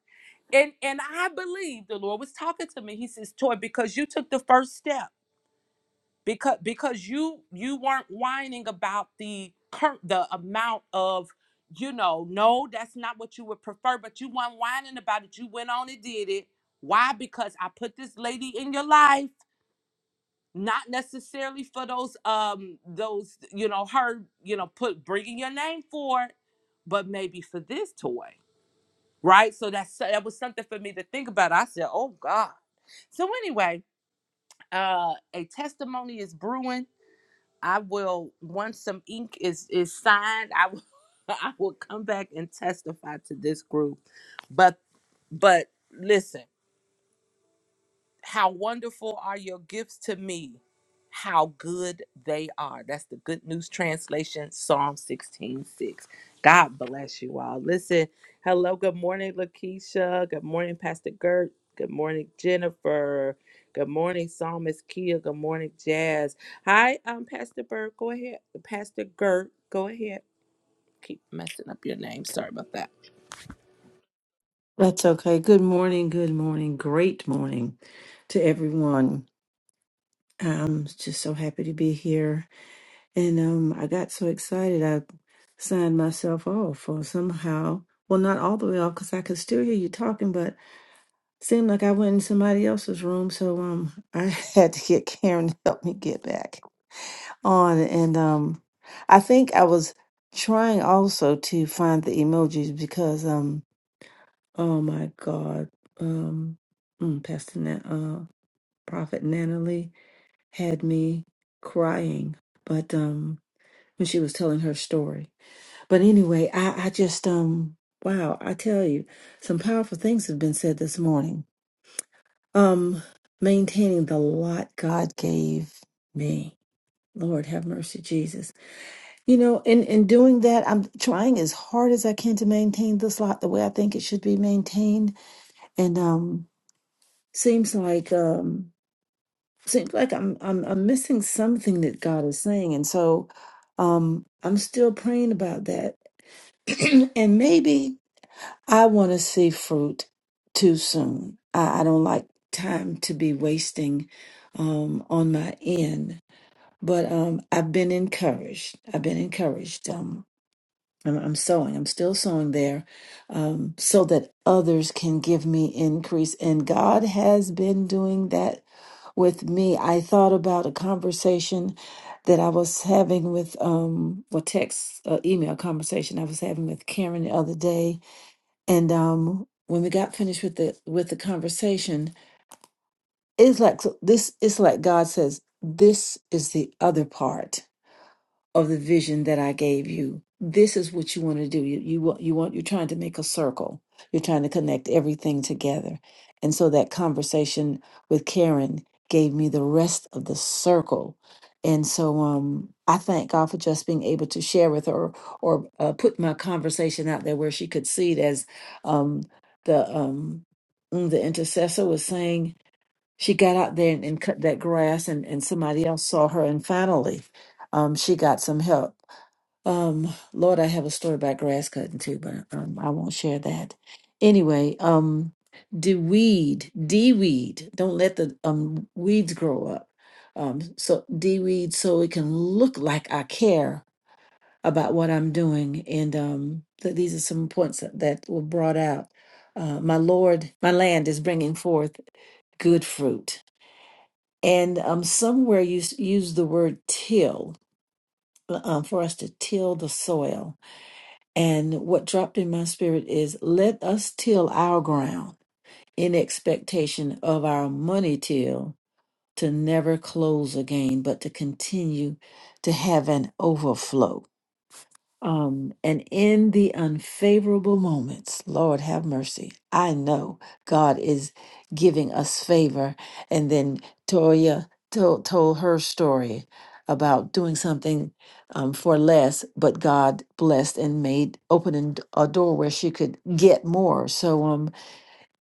[SPEAKER 1] And and I believe the Lord was talking to me. He says, Toy, because you took the first step because because you you weren't whining about the current the amount of you know no that's not what you would prefer but you weren't whining about it you went on and did it why because i put this lady in your life not necessarily for those um those you know her you know put bringing your name for it but maybe for this toy right so that's so, that was something for me to think about i said oh god so anyway uh a testimony is brewing I will once some ink is is signed, I will I will come back and testify to this group. But but listen. How wonderful are your gifts to me? How good they are. That's the Good News Translation, Psalm 16 6. God bless you all. Listen, hello. Good morning, Lakeisha. Good morning, Pastor Gert. Good morning, Jennifer. Good morning, Psalmist Kia. Good morning, Jazz. Hi, um, Pastor Bert. Go ahead. Pastor Gert, go ahead. Keep messing up your name. Sorry about that.
[SPEAKER 4] That's okay. Good morning. Good morning. Great morning to everyone. I'm just so happy to be here. And um, I got so excited, I signed myself off or somehow. Well, not all the way off because I could still hear you talking, but seemed like I went in somebody else's room. So um, I had to get Karen to help me get back on. And um, I think I was trying also to find the emojis because um, Oh my God. Um, mm, Pastor Na- uh, Prophet Natalie had me crying, but um, when she was telling her story. But anyway, I, I just um, wow, I tell you, some powerful things have been said this morning. Um, maintaining the lot God gave me. Lord have mercy, Jesus. You know, in, in doing that, I'm trying as hard as I can to maintain this lot the way I think it should be maintained. And um seems like um seems like I'm I'm I'm missing something that God is saying. And so um I'm still praying about that. and maybe I want to see fruit too soon. I, I don't like time to be wasting um on my end. But um I've been encouraged. I've been encouraged. Um I'm, I'm sowing. I'm still sowing there um, so that others can give me increase. And God has been doing that with me. I thought about a conversation that I was having with, um, well, text, uh, email conversation I was having with Karen the other day. And um, when we got finished with the with the conversation, it's like so this. It's like God says, "This is the other part." of the vision that I gave you. This is what you want to do. You you want you want you're trying to make a circle. You're trying to connect everything together. And so that conversation with Karen gave me the rest of the circle. And so um I thank God for just being able to share with her or uh, put my conversation out there where she could see it as um the um mm, the intercessor was saying she got out there and, and cut that grass and, and somebody else saw her and finally um, she got some help um, lord i have a story about grass cutting too but um, i won't share that anyway um, de-weed de-weed don't let the um, weeds grow up um, so de-weed so it can look like i care about what i'm doing and um, th- these are some points that, that were brought out uh, my lord my land is bringing forth good fruit and um, somewhere you s- use the word till uh, um, for us to till the soil. And what dropped in my spirit is let us till our ground in expectation of our money till to never close again, but to continue to have an overflow um, and in the unfavorable moments, Lord have mercy. I know God is giving us favor. And then Toya told, told her story about doing something um, for less, but God blessed and made opening a door where she could get more. So, um,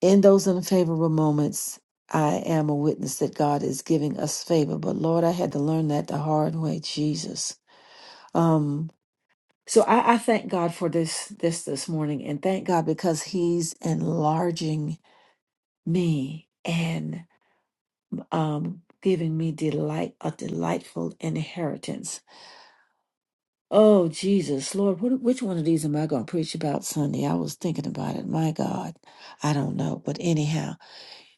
[SPEAKER 4] in those unfavorable moments, I am a witness that God is giving us favor. But Lord, I had to learn that the hard way, Jesus. Um, so I, I thank God for this this this morning, and thank God because He's enlarging me and um, giving me delight a delightful inheritance. Oh Jesus, Lord, what, which one of these am I going to preach about Sunday? I was thinking about it. My God, I don't know, but anyhow.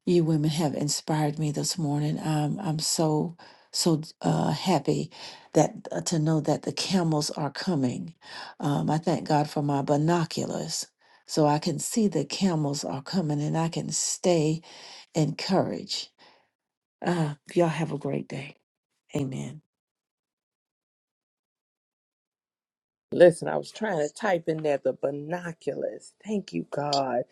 [SPEAKER 4] you women have inspired me this morning. Um, I'm so so uh, happy that uh, to know that the camels are coming. Um, I thank God for my binoculars, so I can see the camels are coming, and I can stay encouraged. Uh, y'all have a great day. Amen.
[SPEAKER 1] Listen, I was trying to type in there the binoculars. Thank you, God,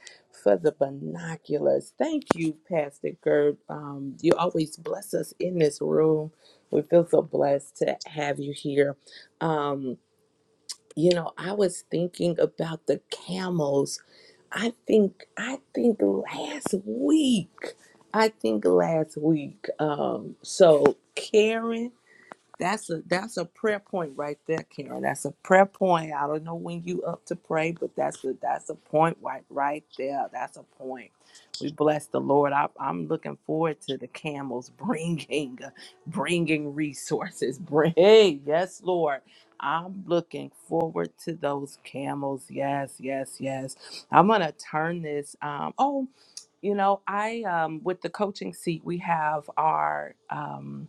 [SPEAKER 1] for the binoculars. Thank you, Pastor Gerd. Um, you always bless us in this room. We feel so blessed to have you here. Um, you know, I was thinking about the camels. I think, I think last week. I think last week. Um, so Karen that's a that's a prayer point right there, Karen. That's a prayer point. I don't know when you up to pray, but that's a that's a point right right there. That's a point. We bless the Lord. I, I'm looking forward to the camels bringing bringing resources. Bring, hey, yes, Lord. I'm looking forward to those camels. Yes, yes, yes. I'm gonna turn this. Um, oh, you know, I um, with the coaching seat, we have our. Um,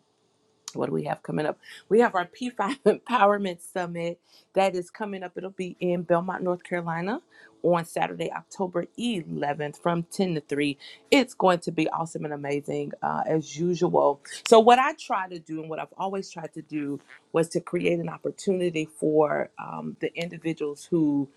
[SPEAKER 1] what do we have coming up? We have our P5 Empowerment Summit that is coming up. It'll be in Belmont, North Carolina on Saturday, October 11th from 10 to 3. It's going to be awesome and amazing uh, as usual. So, what I try to do and what I've always tried to do was to create an opportunity for um, the individuals who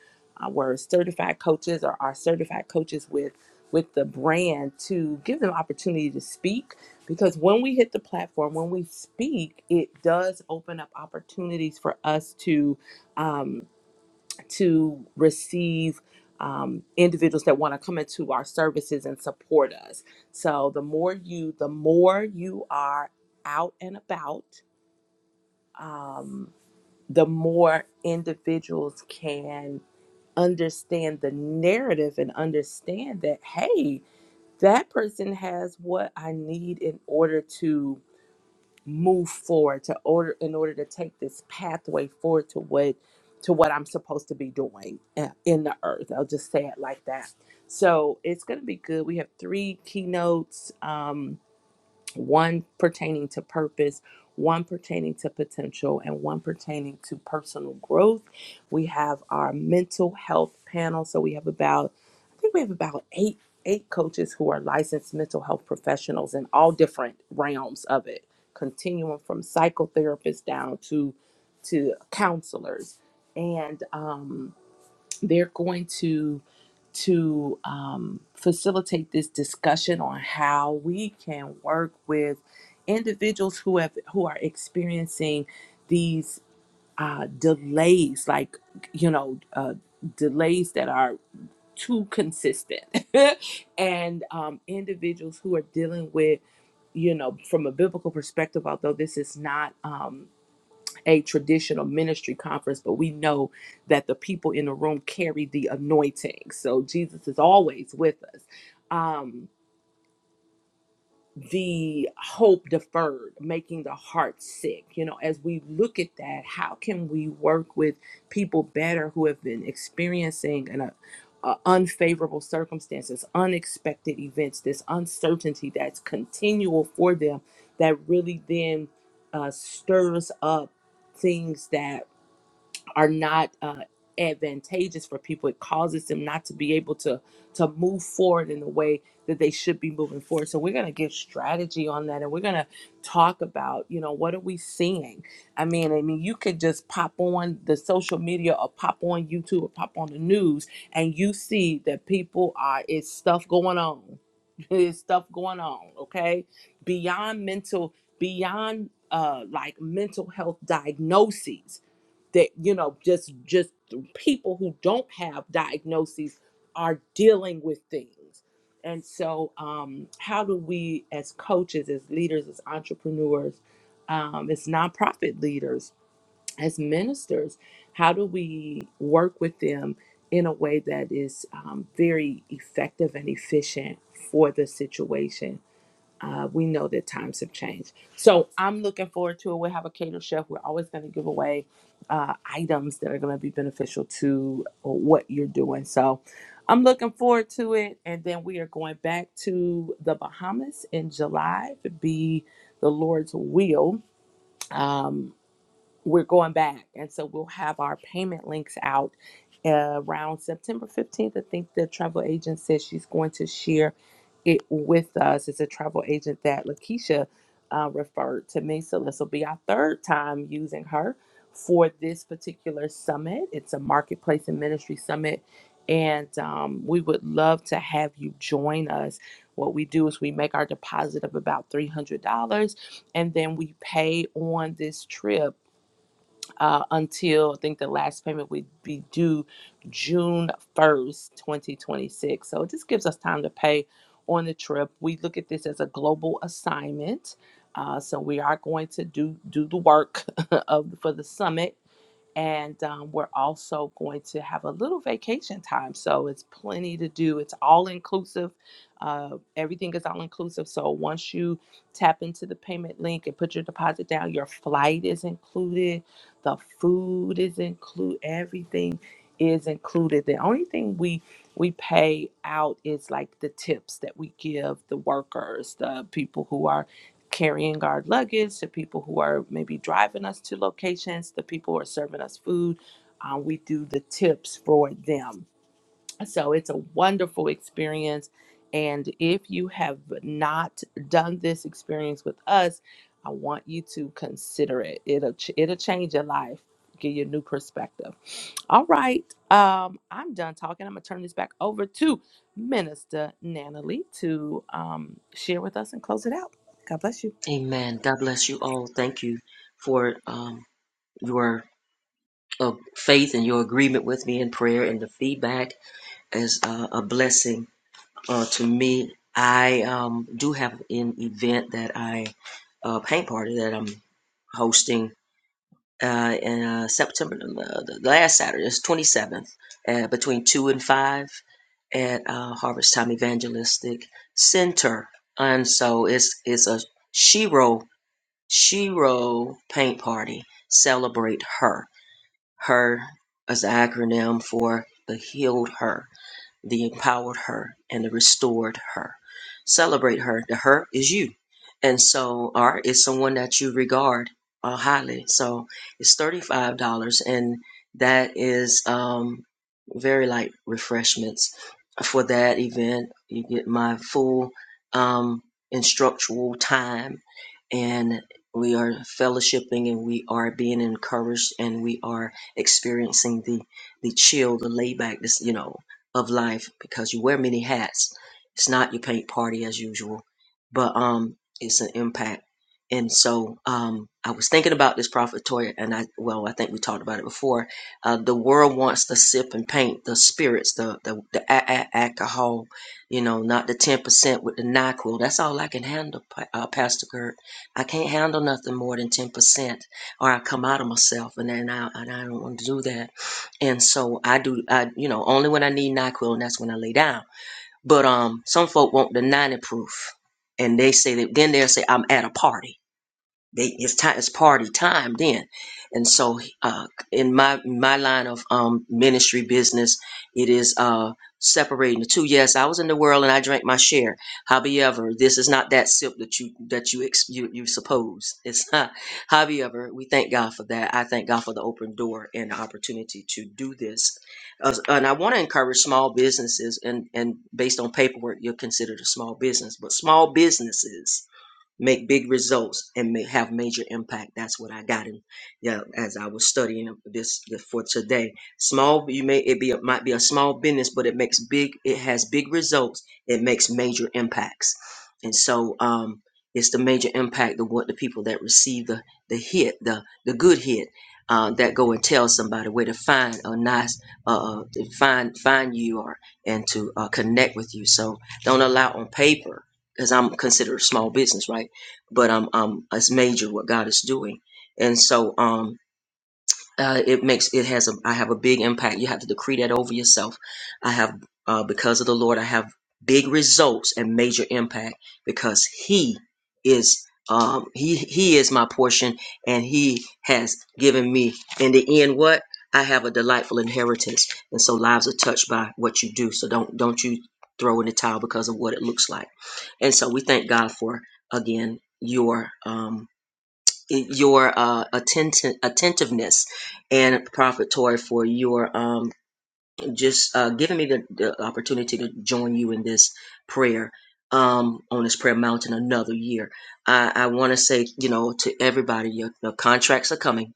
[SPEAKER 1] uh, were certified coaches or are certified coaches with with the brand to give them opportunity to speak because when we hit the platform when we speak it does open up opportunities for us to um, to receive um, individuals that want to come into our services and support us so the more you the more you are out and about um, the more individuals can understand the narrative and understand that hey that person has what i need in order to move forward to order in order to take this pathway forward to what to what I'm supposed to be doing uh, in the earth. I'll just say it like that. So it's gonna be good. We have three keynotes. Um, one pertaining to purpose, one pertaining to potential, and one pertaining to personal growth. We have our mental health panel. So we have about, I think we have about eight eight coaches who are licensed mental health professionals in all different realms of it, continuum from psychotherapists down to to counselors. And um, they're going to to um, facilitate this discussion on how we can work with individuals who have who are experiencing these uh, delays, like you know, uh, delays that are too consistent, and um, individuals who are dealing with you know, from a biblical perspective, although this is not. um, a traditional ministry conference, but we know that the people in the room carry the anointing. So Jesus is always with us. Um, the hope deferred, making the heart sick. You know, as we look at that, how can we work with people better who have been experiencing an, uh, uh, unfavorable circumstances, unexpected events, this uncertainty that's continual for them that really then uh, stirs up things that are not uh, advantageous for people. It causes them not to be able to to move forward in the way that they should be moving forward. So we're going to give strategy on that, and we're going to talk about you know what are we seeing. I mean, I mean, you could just pop on the social media or pop on YouTube or pop on the news, and you see that people are it's stuff going on. There's stuff going on, okay? Beyond mental, beyond uh like mental health diagnoses that you know just just people who don't have diagnoses are dealing with things and so um, how do we as coaches as leaders as entrepreneurs um, as nonprofit leaders as ministers how do we work with them in a way that is um, very effective and efficient for the situation uh, we know that times have changed. So I'm looking forward to it. We'll have a cater chef. We're always going to give away uh, items that are going to be beneficial to uh, what you're doing. So I'm looking forward to it. And then we are going back to the Bahamas in July, if it be the Lord's will. Um, we're going back. And so we'll have our payment links out uh, around September 15th. I think the travel agent says she's going to share it with us. It's a travel agent that Lakeisha uh, referred to me. So this will be our third time using her for this particular summit. It's a marketplace and ministry summit. And um, we would love to have you join us. What we do is we make our deposit of about $300 and then we pay on this trip uh, until I think the last payment would be due June 1st, 2026. So it just gives us time to pay on the trip. We look at this as a global assignment. Uh, so we are going to do do the work of for the summit and um, we're also going to have a little vacation time so it's plenty to do it's all inclusive uh, everything is all inclusive so once you tap into the payment link and put your deposit down your flight is included the food is included everything is included the only thing we we pay out is like the tips that we give the workers the people who are carrying our luggage, to people who are maybe driving us to locations, the people who are serving us food. Um, we do the tips for them. So it's a wonderful experience. And if you have not done this experience with us, I want you to consider it. It'll ch- it'll change your life, give you a new perspective. All right, um, I'm done talking. I'm gonna turn this back over to Minister Nana Lee to um, share with us and close it out. God bless you.
[SPEAKER 2] Amen. God bless you all. Thank you for um, your uh, faith and your agreement with me in prayer and the feedback is uh, a blessing uh, to me. I um, do have an event that I, a paint party that I'm hosting uh, in uh, September, uh, the last Saturday, it's 27th, uh, between 2 and 5 at uh, Harvest Time Evangelistic Center. And so it's, it's a Shiro, Shiro paint party. Celebrate her. Her is the acronym for the healed her the empowered her and the restored her. Celebrate her. The her is you. And so or is someone that you regard uh, highly. So it's $35 and that is um, very light refreshments for that event. You get my full um, instructional time and we are fellowshipping and we are being encouraged and we are experiencing the the chill, the layback, this you know, of life because you wear many hats. It's not your paint party as usual, but um, it's an impact. And so um, I was thinking about this prophet Toya, and I well, I think we talked about it before. Uh, the world wants to sip and paint the spirits, the the, the a- a- alcohol, you know, not the ten percent with the Nyquil. That's all I can handle, Pa- uh, Pastor Gert. I can't handle nothing more than ten percent, or I come out of myself, and then I and I don't want to do that and so I do. I you know only when I need Nyquil, and that's when I lay down. But um, some folk want the ninety proof, and they say that then they'll say I'm at a party. They, it's time. It's party time then, and so uh, in my my line of um, ministry business, it is uh, separating the two. Yes, I was in the world and I drank my share. However, this is not that sip that you that you ex- you, you suppose. It's not. However, we thank God for that. I thank God for the open door and the opportunity to do this. As- and I want to encourage small businesses, and and based on paperwork, you're considered a small business, but small businesses make big results and may have major impact. That's what I got in. Yeah, as I was studying this for today, small you may it be a, might be a small business, but it makes big. It has big results. It makes major impacts, and so um, it's the major impact of what the people that receive the the hit, the the good hit. Uh, that go and tell somebody where to find a nice uh, uh, to find find you or and to uh, connect with you. So don't allow on paper because I'm considered a small business, right? but I'm I'm it's major what God is doing, and so um uh, it makes it has a I have a big impact. You have to decree that over yourself. I have uh, because of the Lord, I have big results and major impact because He is um He He is my portion, and He has given me in the end what. I have a delightful inheritance, and so lives are touched by what you do. So don't don't you throw in the towel because of what it looks like. And so we thank God for again your um your uh attent- attentiveness and prophet Tori for your um just uh giving me the, the opportunity to join you in this prayer um on this prayer mountain another year. I, I want to say, you know, to everybody, your, your contracts are coming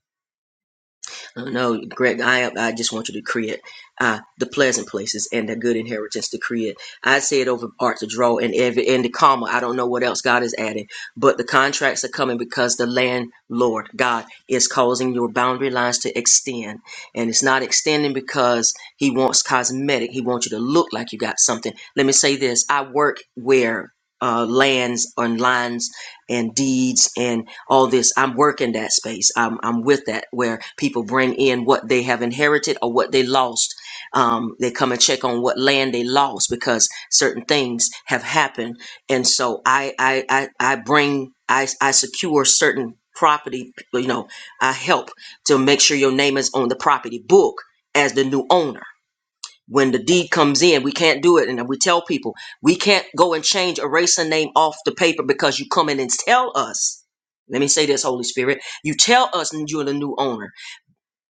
[SPEAKER 2] uh, No, Greg, I I just want you to create uh, the pleasant places and the good inheritance to create. I say it over art to draw and every and the comma. I don't know what else God is adding, but the contracts are coming because the landlord God is causing your boundary lines to extend, and it's not extending because He wants cosmetic. He wants you to look like you got something. Let me say this: I work where. Uh, lands and lines and deeds and all this. I'm working that space. I'm, I'm with that where people bring in what they have inherited or what they lost. Um, they come and check on what land they lost because certain things have happened. And so I, I, I, I bring, I, I secure certain property, you know, I help to make sure your name is on the property book as the new owner when the deed comes in, we can't do it. And we tell people, we can't go and change, erase a name off the paper because you come in and tell us. Let me say this, Holy Spirit. You tell us you're the new owner.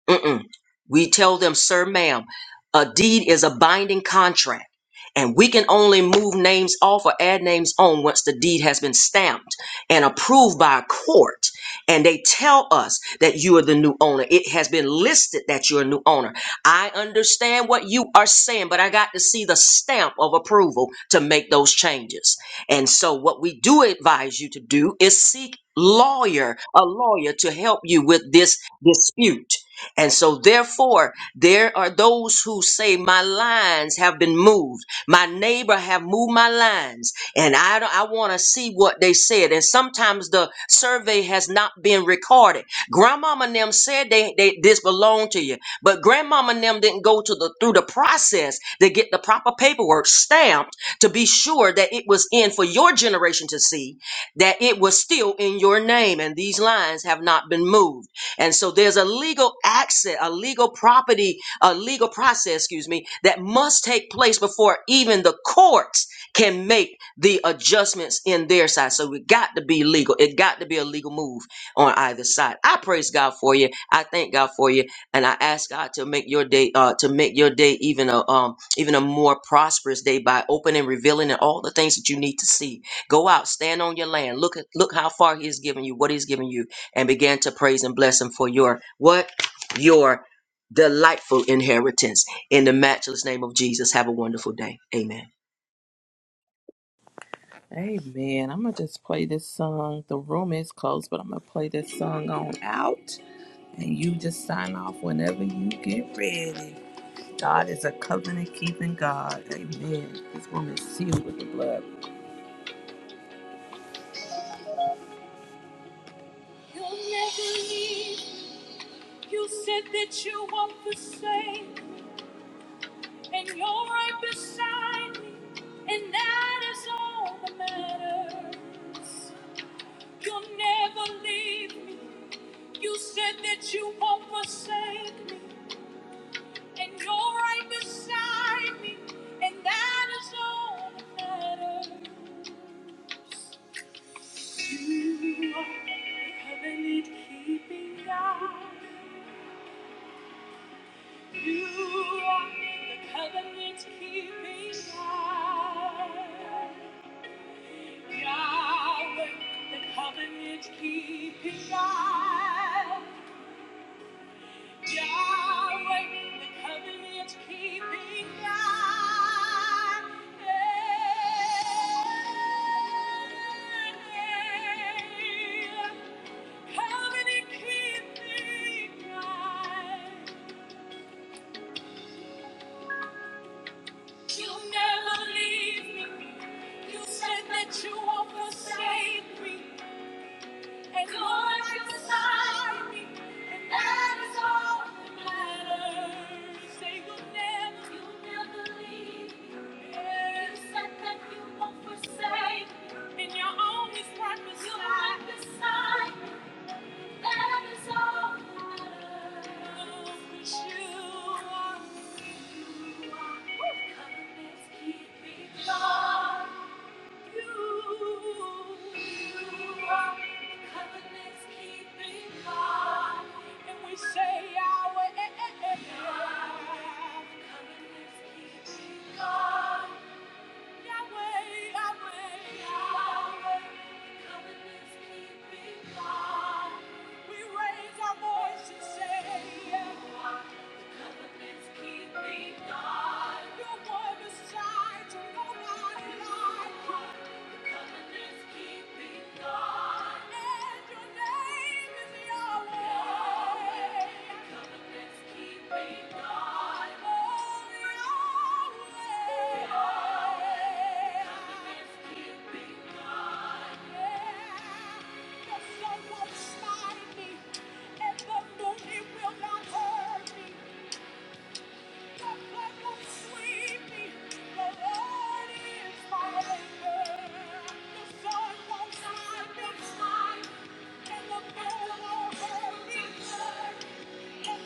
[SPEAKER 2] Mm-mm. We tell them, sir, ma'am, a deed is a binding contract, and we can only move names off or add names on once the deed has been stamped and approved by a court. And they tell us that you are the new owner. It has been listed that you're a new owner. I understand what you are saying, but I got to see the stamp of approval to make those changes. And so, what we do advise you to do is seek lawyer, a lawyer to help you with this dispute and so, therefore, there are those who say, My lines have been moved. My neighbor have moved my lines. And I, don't- I want to see what they said. And sometimes the survey has not been recorded. Grandmama and them said they, they this belonged to you, but grandmama and them didn't go to the through the process to get the proper paperwork stamped to be sure that it was in for your generation to see that it was still in your name and these lines have not been moved. And so there's a legal access, a legal property, a legal process, excuse me, that must take place before even the courts can make the adjustments in their side. So we got to be legal. It got to be a legal move on either side. I praise God for you. I thank God for you. And I ask God to make your day, uh, to make your day even a um even a more prosperous day by opening, revealing and all the things that you need to see. Go out, stand on your land, look at look how far He has given you, what He's given you and began to praise and bless him for your what? Your delightful inheritance. In the matchless name of Jesus, have a wonderful day. Amen.
[SPEAKER 1] Amen. I'm going to just play this song. The room is closed, but I'm going to play this song on out. And you just sign off whenever you get ready. God is a covenant keeping God. Amen. This room is sealed with the blood. You'll never leave. You said that you won't forsake. And you're right beside me. And that is all that matters. You'll never leave me. You said that you won't forsake me. and you're right beside me, and that is all that matters. You are the covenant keeping God. You are the covenant keeping God. Yahweh, the covenant keeping God. Yahweh, the covenant keeping God. Yeah. Covenant keeping God. You'll never leave me. You said that you won't forsake me. And God is beside me, and that is all that matters. Say you'll never, you'll never leave me. You said that you won't forsake me. And you're always right beside You're right beside me. That is all that matters. 'Cause you are, you are covenant keeping God. Keep me God. You're one besides, nobody like you. Covenants keeping God. And your name is Yahweh. Covenants keeping God. Oh, Yahweh. Yahweh. Covenants keeping God. Yeah. The sun won't smite me, and the moon it will not hurt me. The flood won't sweep me. The Lord is my anchor. The sun won't blind me tonight, and the moon won't hurt me. Thank you.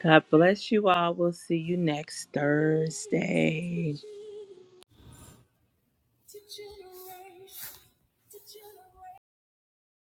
[SPEAKER 1] God bless you all. We'll see you next Thursday.